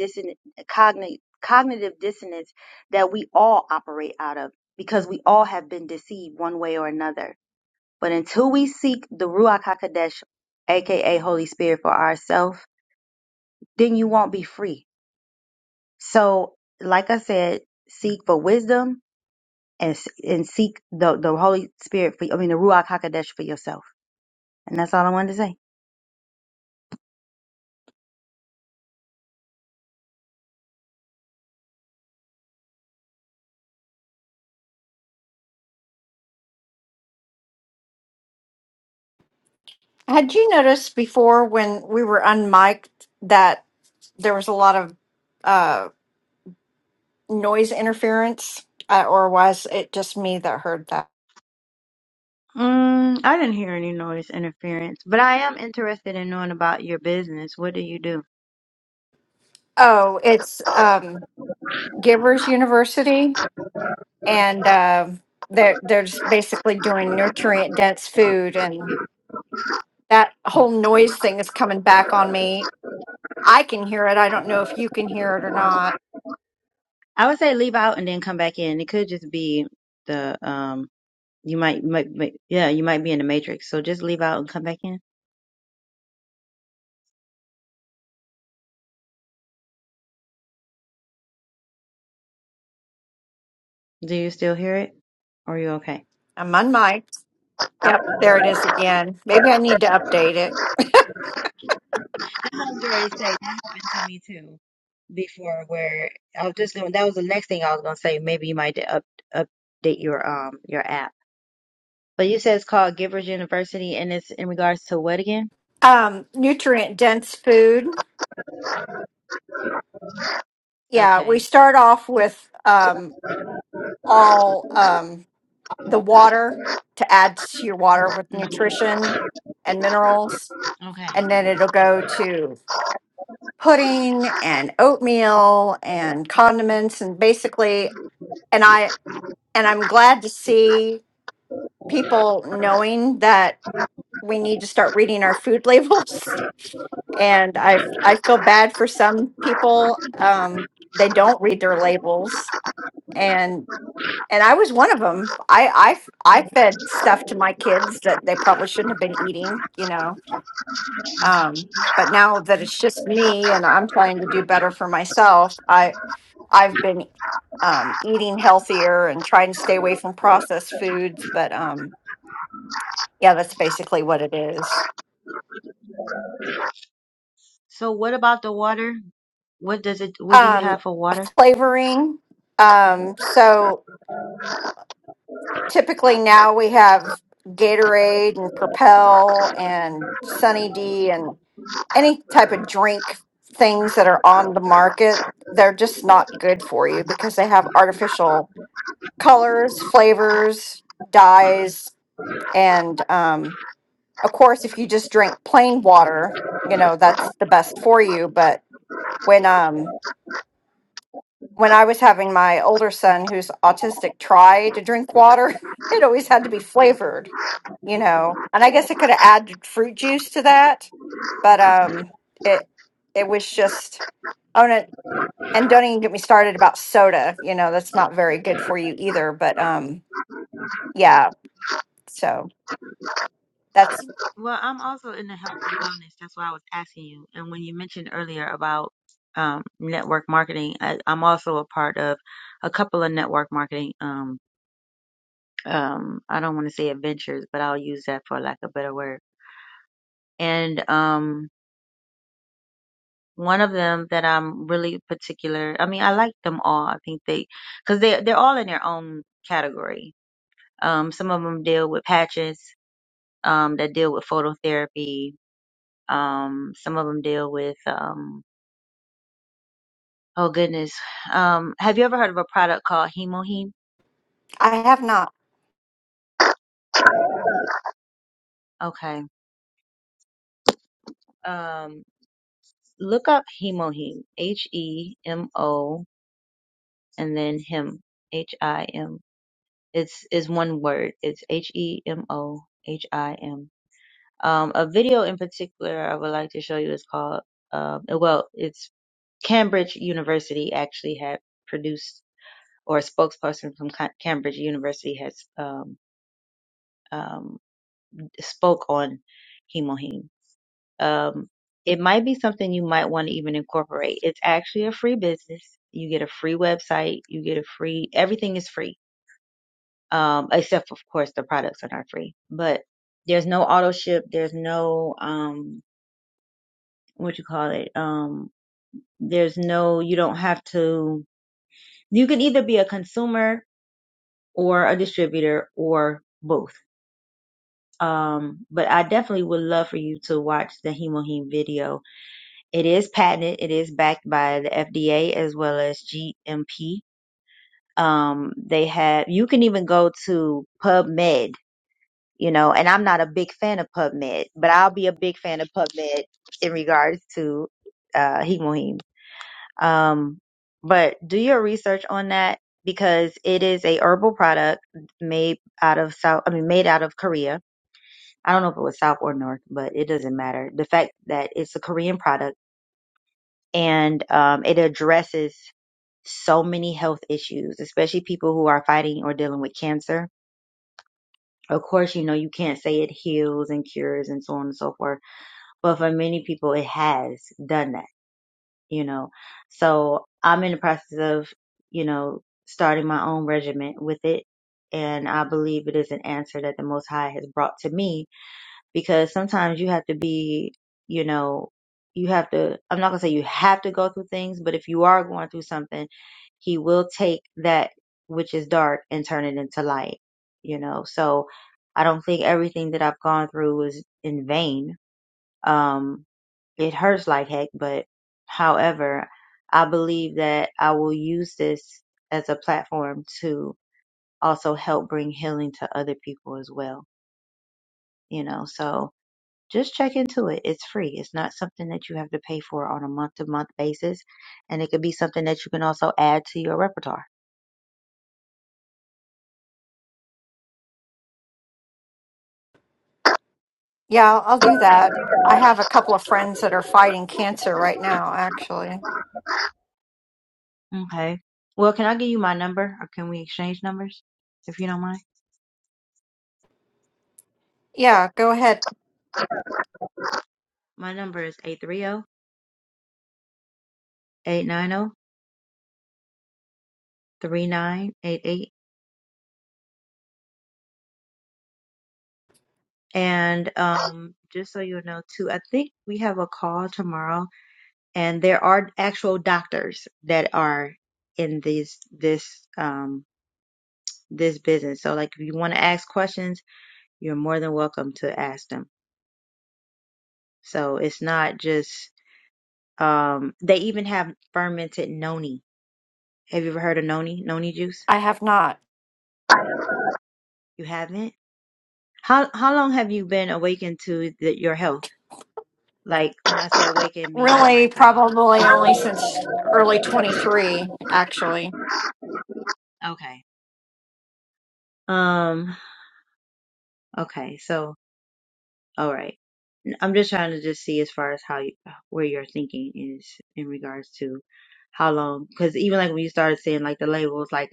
Speaker 1: cognitive cognitive dissonance that we all operate out of because we all have been deceived one way or another. But until we seek the Ruach Hakodesh, aka Holy Spirit, for ourselves, then you won't be free. So, like I said, seek for wisdom and and seek the the Holy Spirit for I mean the Ruach Hakodesh for yourself. And that's all I wanted to say.
Speaker 3: Had you noticed before when we were unmiked that there was a lot of uh, noise interference, uh, or was it just me that heard that?
Speaker 1: Mm, I didn't hear any noise interference, but I am interested in knowing about your business. What do you do?
Speaker 3: Oh, it's um, Givers University, and um they're they're just basically doing nutrient dense food, and that whole noise thing is coming back on me. I can hear it. I don't know if you can hear it or not.
Speaker 1: I would say leave out and then come back in. It could just be the um you might might, might yeah, you might be in the matrix. So just leave out and come back in. Do you still hear it? Or are you okay?
Speaker 3: I'm unmiked. Yep, there it is again. Maybe I need to update it.
Speaker 1: I heard to say that happened to me too before where I was just going that was the next thing I was gonna say. Maybe you might up update your um your app. But you said it's called Givers University and it's in regards to what again?
Speaker 3: Um, nutrient dense food. Yeah, we
Speaker 1: Okay.
Speaker 3: start off with um, all. um, the water to add to your water with
Speaker 1: Mhm.
Speaker 3: nutrition and minerals.
Speaker 1: Okay.
Speaker 3: And then it'll go to pudding and oatmeal and condiments and basically and I and I'm glad to see people knowing that we need to start reading our food labels. *laughs* And I I feel bad for some people. Um, they don't read their labels and. and I was one of them. I I I fed stuff to my kids that they probably shouldn't have been eating, you know. Um, but now that it's just me and I'm trying to do better for myself, I I've been um, eating healthier and trying to stay away from processed foods. But um, yeah, that's basically what it is.
Speaker 1: So what about the water? What does it what do you
Speaker 3: Um,
Speaker 1: have for water?
Speaker 3: flavoring. Um, so typically now we have Gatorade and Propel and Sunny D and. any type of drink things that are on the market, they're just not good for you because they have artificial colors, flavors, dyes, and um, of course, if you just drink plain water, you know that's the best for you. But when um, when I was having my older son, who's autistic, try to drink water, *laughs* it always had to be flavored, you know. And I guess I could have added fruit juice to that, but um, it it was just oh no, and don't even get me started about soda. You know, that's not very good for you either. But um, yeah, so that's
Speaker 1: Well, I'm also in the health and wellness. That's why I was asking you. And when you mentioned earlier about um, network marketing, I, I'm also a part of a couple of network marketing. Um, um, I don't want to say adventures, but I'll use that for lack of a better word. And um, one of them that I'm really particular. I mean, I like them all. I think they because they they're all in their own category. Um, some of them deal with patches. um, that deal with phototherapy. Um, some of them deal with, um, oh goodness. Um, have you ever heard of a product called Hemoheme?
Speaker 3: I have not.
Speaker 1: Okay. Um, look up Hemoheme. H E M O and then him. H I M. It's is one word. It's H E M O H I M. Um, a video in particular I would like to show you is called. Um, well, it's Cambridge University actually had produced or a spokesperson from Ca- Cambridge University has um, um, spoke on hemoheme. Um, it might be something you might want to even incorporate. It's actually a free business. You get a free website. You get a free everything is free, um, except of course the products are not free. But there's no auto ship. There's no um, what you call it. Um, there's no you don't have to. You can either be a consumer or a distributor or both Um, but I definitely would love for you to watch the Hemoheme video. It is patented. It is backed by the FDA as well as GMP. Um, they have, you can even go to PubMed, you know, and I'm not a big fan of PubMed, but I'll be a big fan of PubMed in regards to, uh, Hemoheme. Um, but do your research on that because it is a herbal product made out of South, I mean, made out of Korea I don't know if it was South or North, but it doesn't matter. The fact that it's a Korean product and um, it addresses so many health issues, especially people who are fighting or dealing with cancer. Of course, you know, you can't say it heals and cures and so on and so forth, but for many people, it has done that, you know. So I'm in the process of, you know, starting my own regimen with it. And I believe it is an answer that the Most High has brought to me because sometimes you have to be, you know, you have to, I'm not going to say you have to go through things, but if you are going through something, he will take that which is dark and turn it into light, you know. So I don't think everything that I've gone through was in vain. Um, it hurts like heck, but however, I believe that I will use this as a platform to also help bring healing to other people as well, you know. So, just check into it. It's free. It's not something that you have to pay for on a month to month basis. And it could be something that you can also add to your repertoire.
Speaker 3: Yeah, I'll do that. I have a couple of friends that are fighting cancer right now, actually.
Speaker 1: Okay. Well, can I give you my number or can we exchange numbers if you don't mind?
Speaker 3: Yeah, go ahead.
Speaker 1: My number is eight three zero eight nine zero three nine eight eight. And um, just so you'll know too, I think we have a call tomorrow and there are actual doctors that are in this, this, um, this business. So like if you want to ask questions, you're more than welcome to ask them. So it's not just um they even have fermented noni. Have you ever heard of noni? Noni juice?
Speaker 3: I have not.
Speaker 1: You haven't? How how long have you been awakened to the, your health? Like when I say awakened meaning
Speaker 3: Really,
Speaker 1: like um
Speaker 3: probably only since early 23, actually.
Speaker 1: okay. Um okay. So all right. I'm just trying to just see as far as how you, where your thinking is in regards to how long because even like when you started saying like the labels like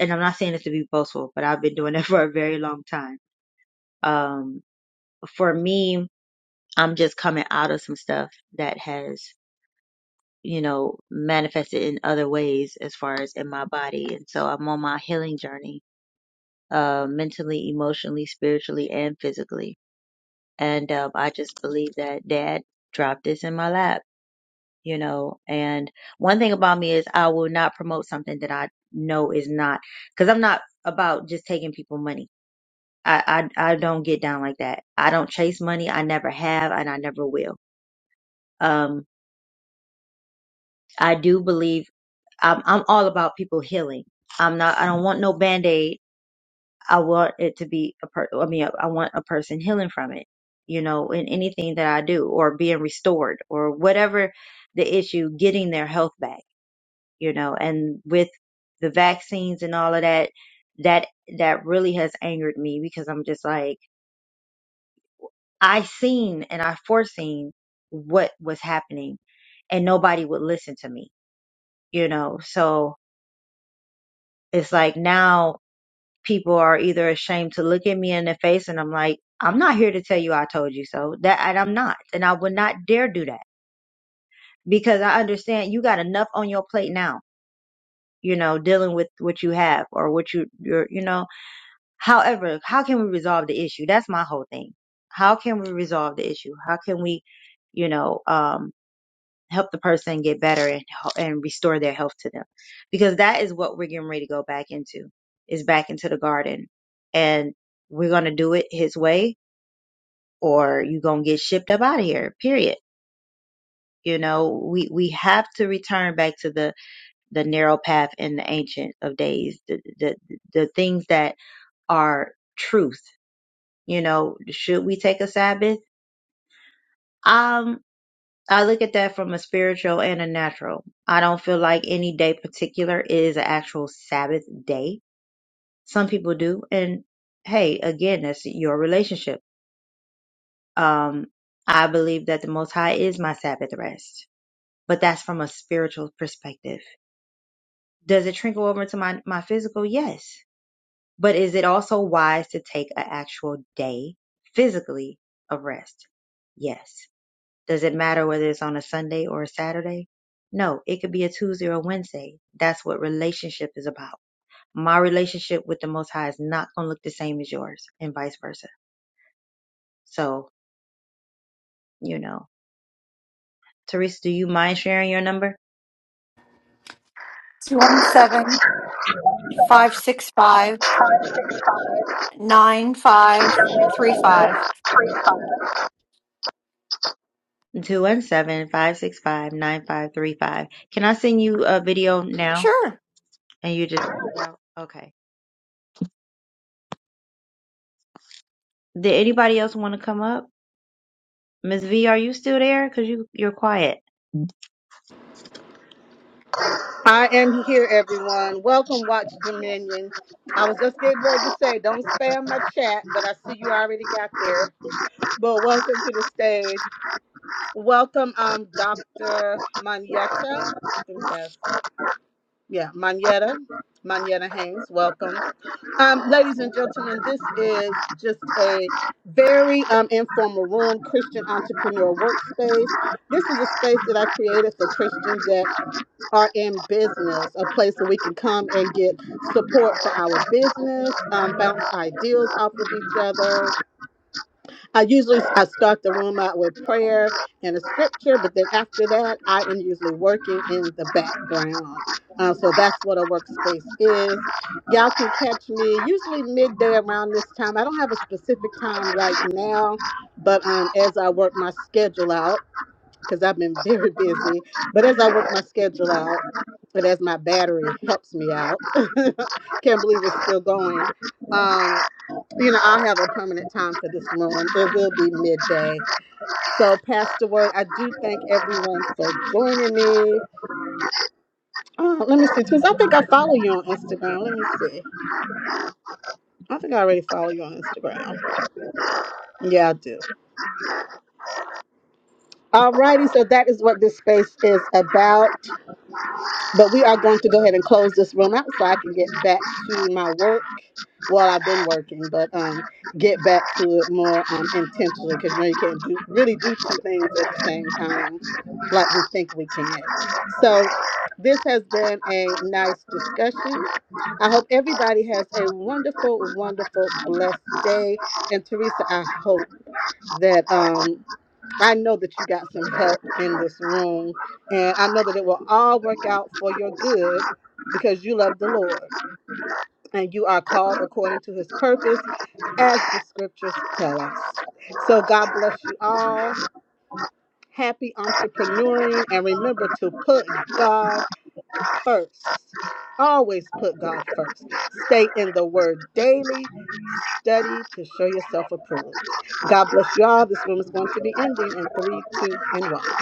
Speaker 1: and I'm not saying this to be boastful, but I've been doing that *laughs* for a very long time Um, for me, I'm just coming out of some stuff that has, you know, manifested in other ways as far as in my body. And so I'm on my healing journey, uh, mentally, emotionally, spiritually, and physically. And, um, I just believe that dad dropped this in my lap, you know, and one thing about me is I will not promote something that I know is not, cause I'm not about just taking people money. I, I I don't get down like that. I don't chase money. I never have, and I never will. Um, I do believe I'm, I'm all about people healing. I'm not, I don't want no band-aid. I want it to be a per, I mean, I want a person healing from it, you know, in anything that I do or being restored or whatever the issue, getting their health back, you know, and with the vaccines and all of that, that, that really has angered me because I'm just like, I seen and I foreseen what was happening and nobody would listen to me, you know, so it's like now people are either ashamed to look at me in the face and I'm like, I'm not here to tell you I told you so. That and I'm not. And I would not dare do that because I understand you got enough on your plate now, you know, dealing with what you have or what you you're, you know. However, how can we resolve the issue? That's my whole thing. How can we resolve the issue? How can we, you know, um help the person get better and and restore their health to them because that is what we're getting ready to go back into is back into the garden and we're going to do it his way or you're going to get shipped up out of here period you know we we have to return back to the the narrow path in the ancient of days the the, the things that are truth you know should we take a sabbath Um. I look at that from a spiritual and a natural. I don't feel like any day particular is an actual Sabbath day. Some people do. And hey, again, that's your relationship. Um, I believe that the Most High is my Sabbath rest, but that's from a spiritual perspective. Does it trickle over into my, my physical? Yes. But is it also wise to take an actual day physically of rest? Yes. Does it matter whether it's on a Sunday or a Saturday? No, it could be a Tuesday or a Wednesday. That's what relationship is about. My relationship with the Most High is not going to look the same as yours, and vice versa. So, you know, Teresa, do you mind sharing your number?
Speaker 3: 217 565
Speaker 1: 217 565 9535. Can I send you a video now?
Speaker 3: Sure.
Speaker 1: And you just. Okay. Did anybody else want to come up? Miss V, are you still there? Because you, you're quiet.
Speaker 2: I am here, everyone. Welcome, Watch Dominion. I was just getting ready to say, don't spam my chat, but I see you already got there. But welcome to the stage. Welcome, um, Dr. Manietta. I think that's Yeah, Manetta, Manetta Haynes, welcome. Um, ladies and gentlemen, this is just a very um, informal room, Christian entrepreneur workspace. This is a space that I created for Christians that are in business, a place where we can come and get support for our business, um, bounce ideas off of each other, I usually I start the room out with prayer and a scripture, but then after that, I am usually working in the background. Uh, so that's what a workspace is. Y'all can catch me usually midday around this time. I don't have a specific time right now, but um, as I work my schedule out, because I've been *laughs* very busy, but as I work my schedule out, and as my battery helps me out, *laughs* can't believe it's still going. Um, you know, I'll have a permanent time for this room. It will be midday. So, Pastor Word, I do thank everyone for joining me. Uh, let me see, Tiz. I think I follow you on Instagram. Let me see. I think I already follow you on Instagram. Yeah, I do. Alrighty, so that is what this space is about. But we are going to go ahead and close this room out so I can get back to my work. Well, I've been working, but um, get back to it more um, intentionally because you know you can't do really do two things at the same time, like we think we can. So this has been a nice discussion. I hope everybody has a wonderful, wonderful, blessed day. And Teresa, I hope that um, I know that you got some help in this room, and I know that it will all work out for your good because you love the Lord and you are called according to his purpose, as the scriptures tell us. So, God bless you all. Happy entrepreneuring, and remember to put God first. Always put God first. Stay in the Word daily. Study to show yourself approved. God bless you all. This room is going to be ending in three, two, and one.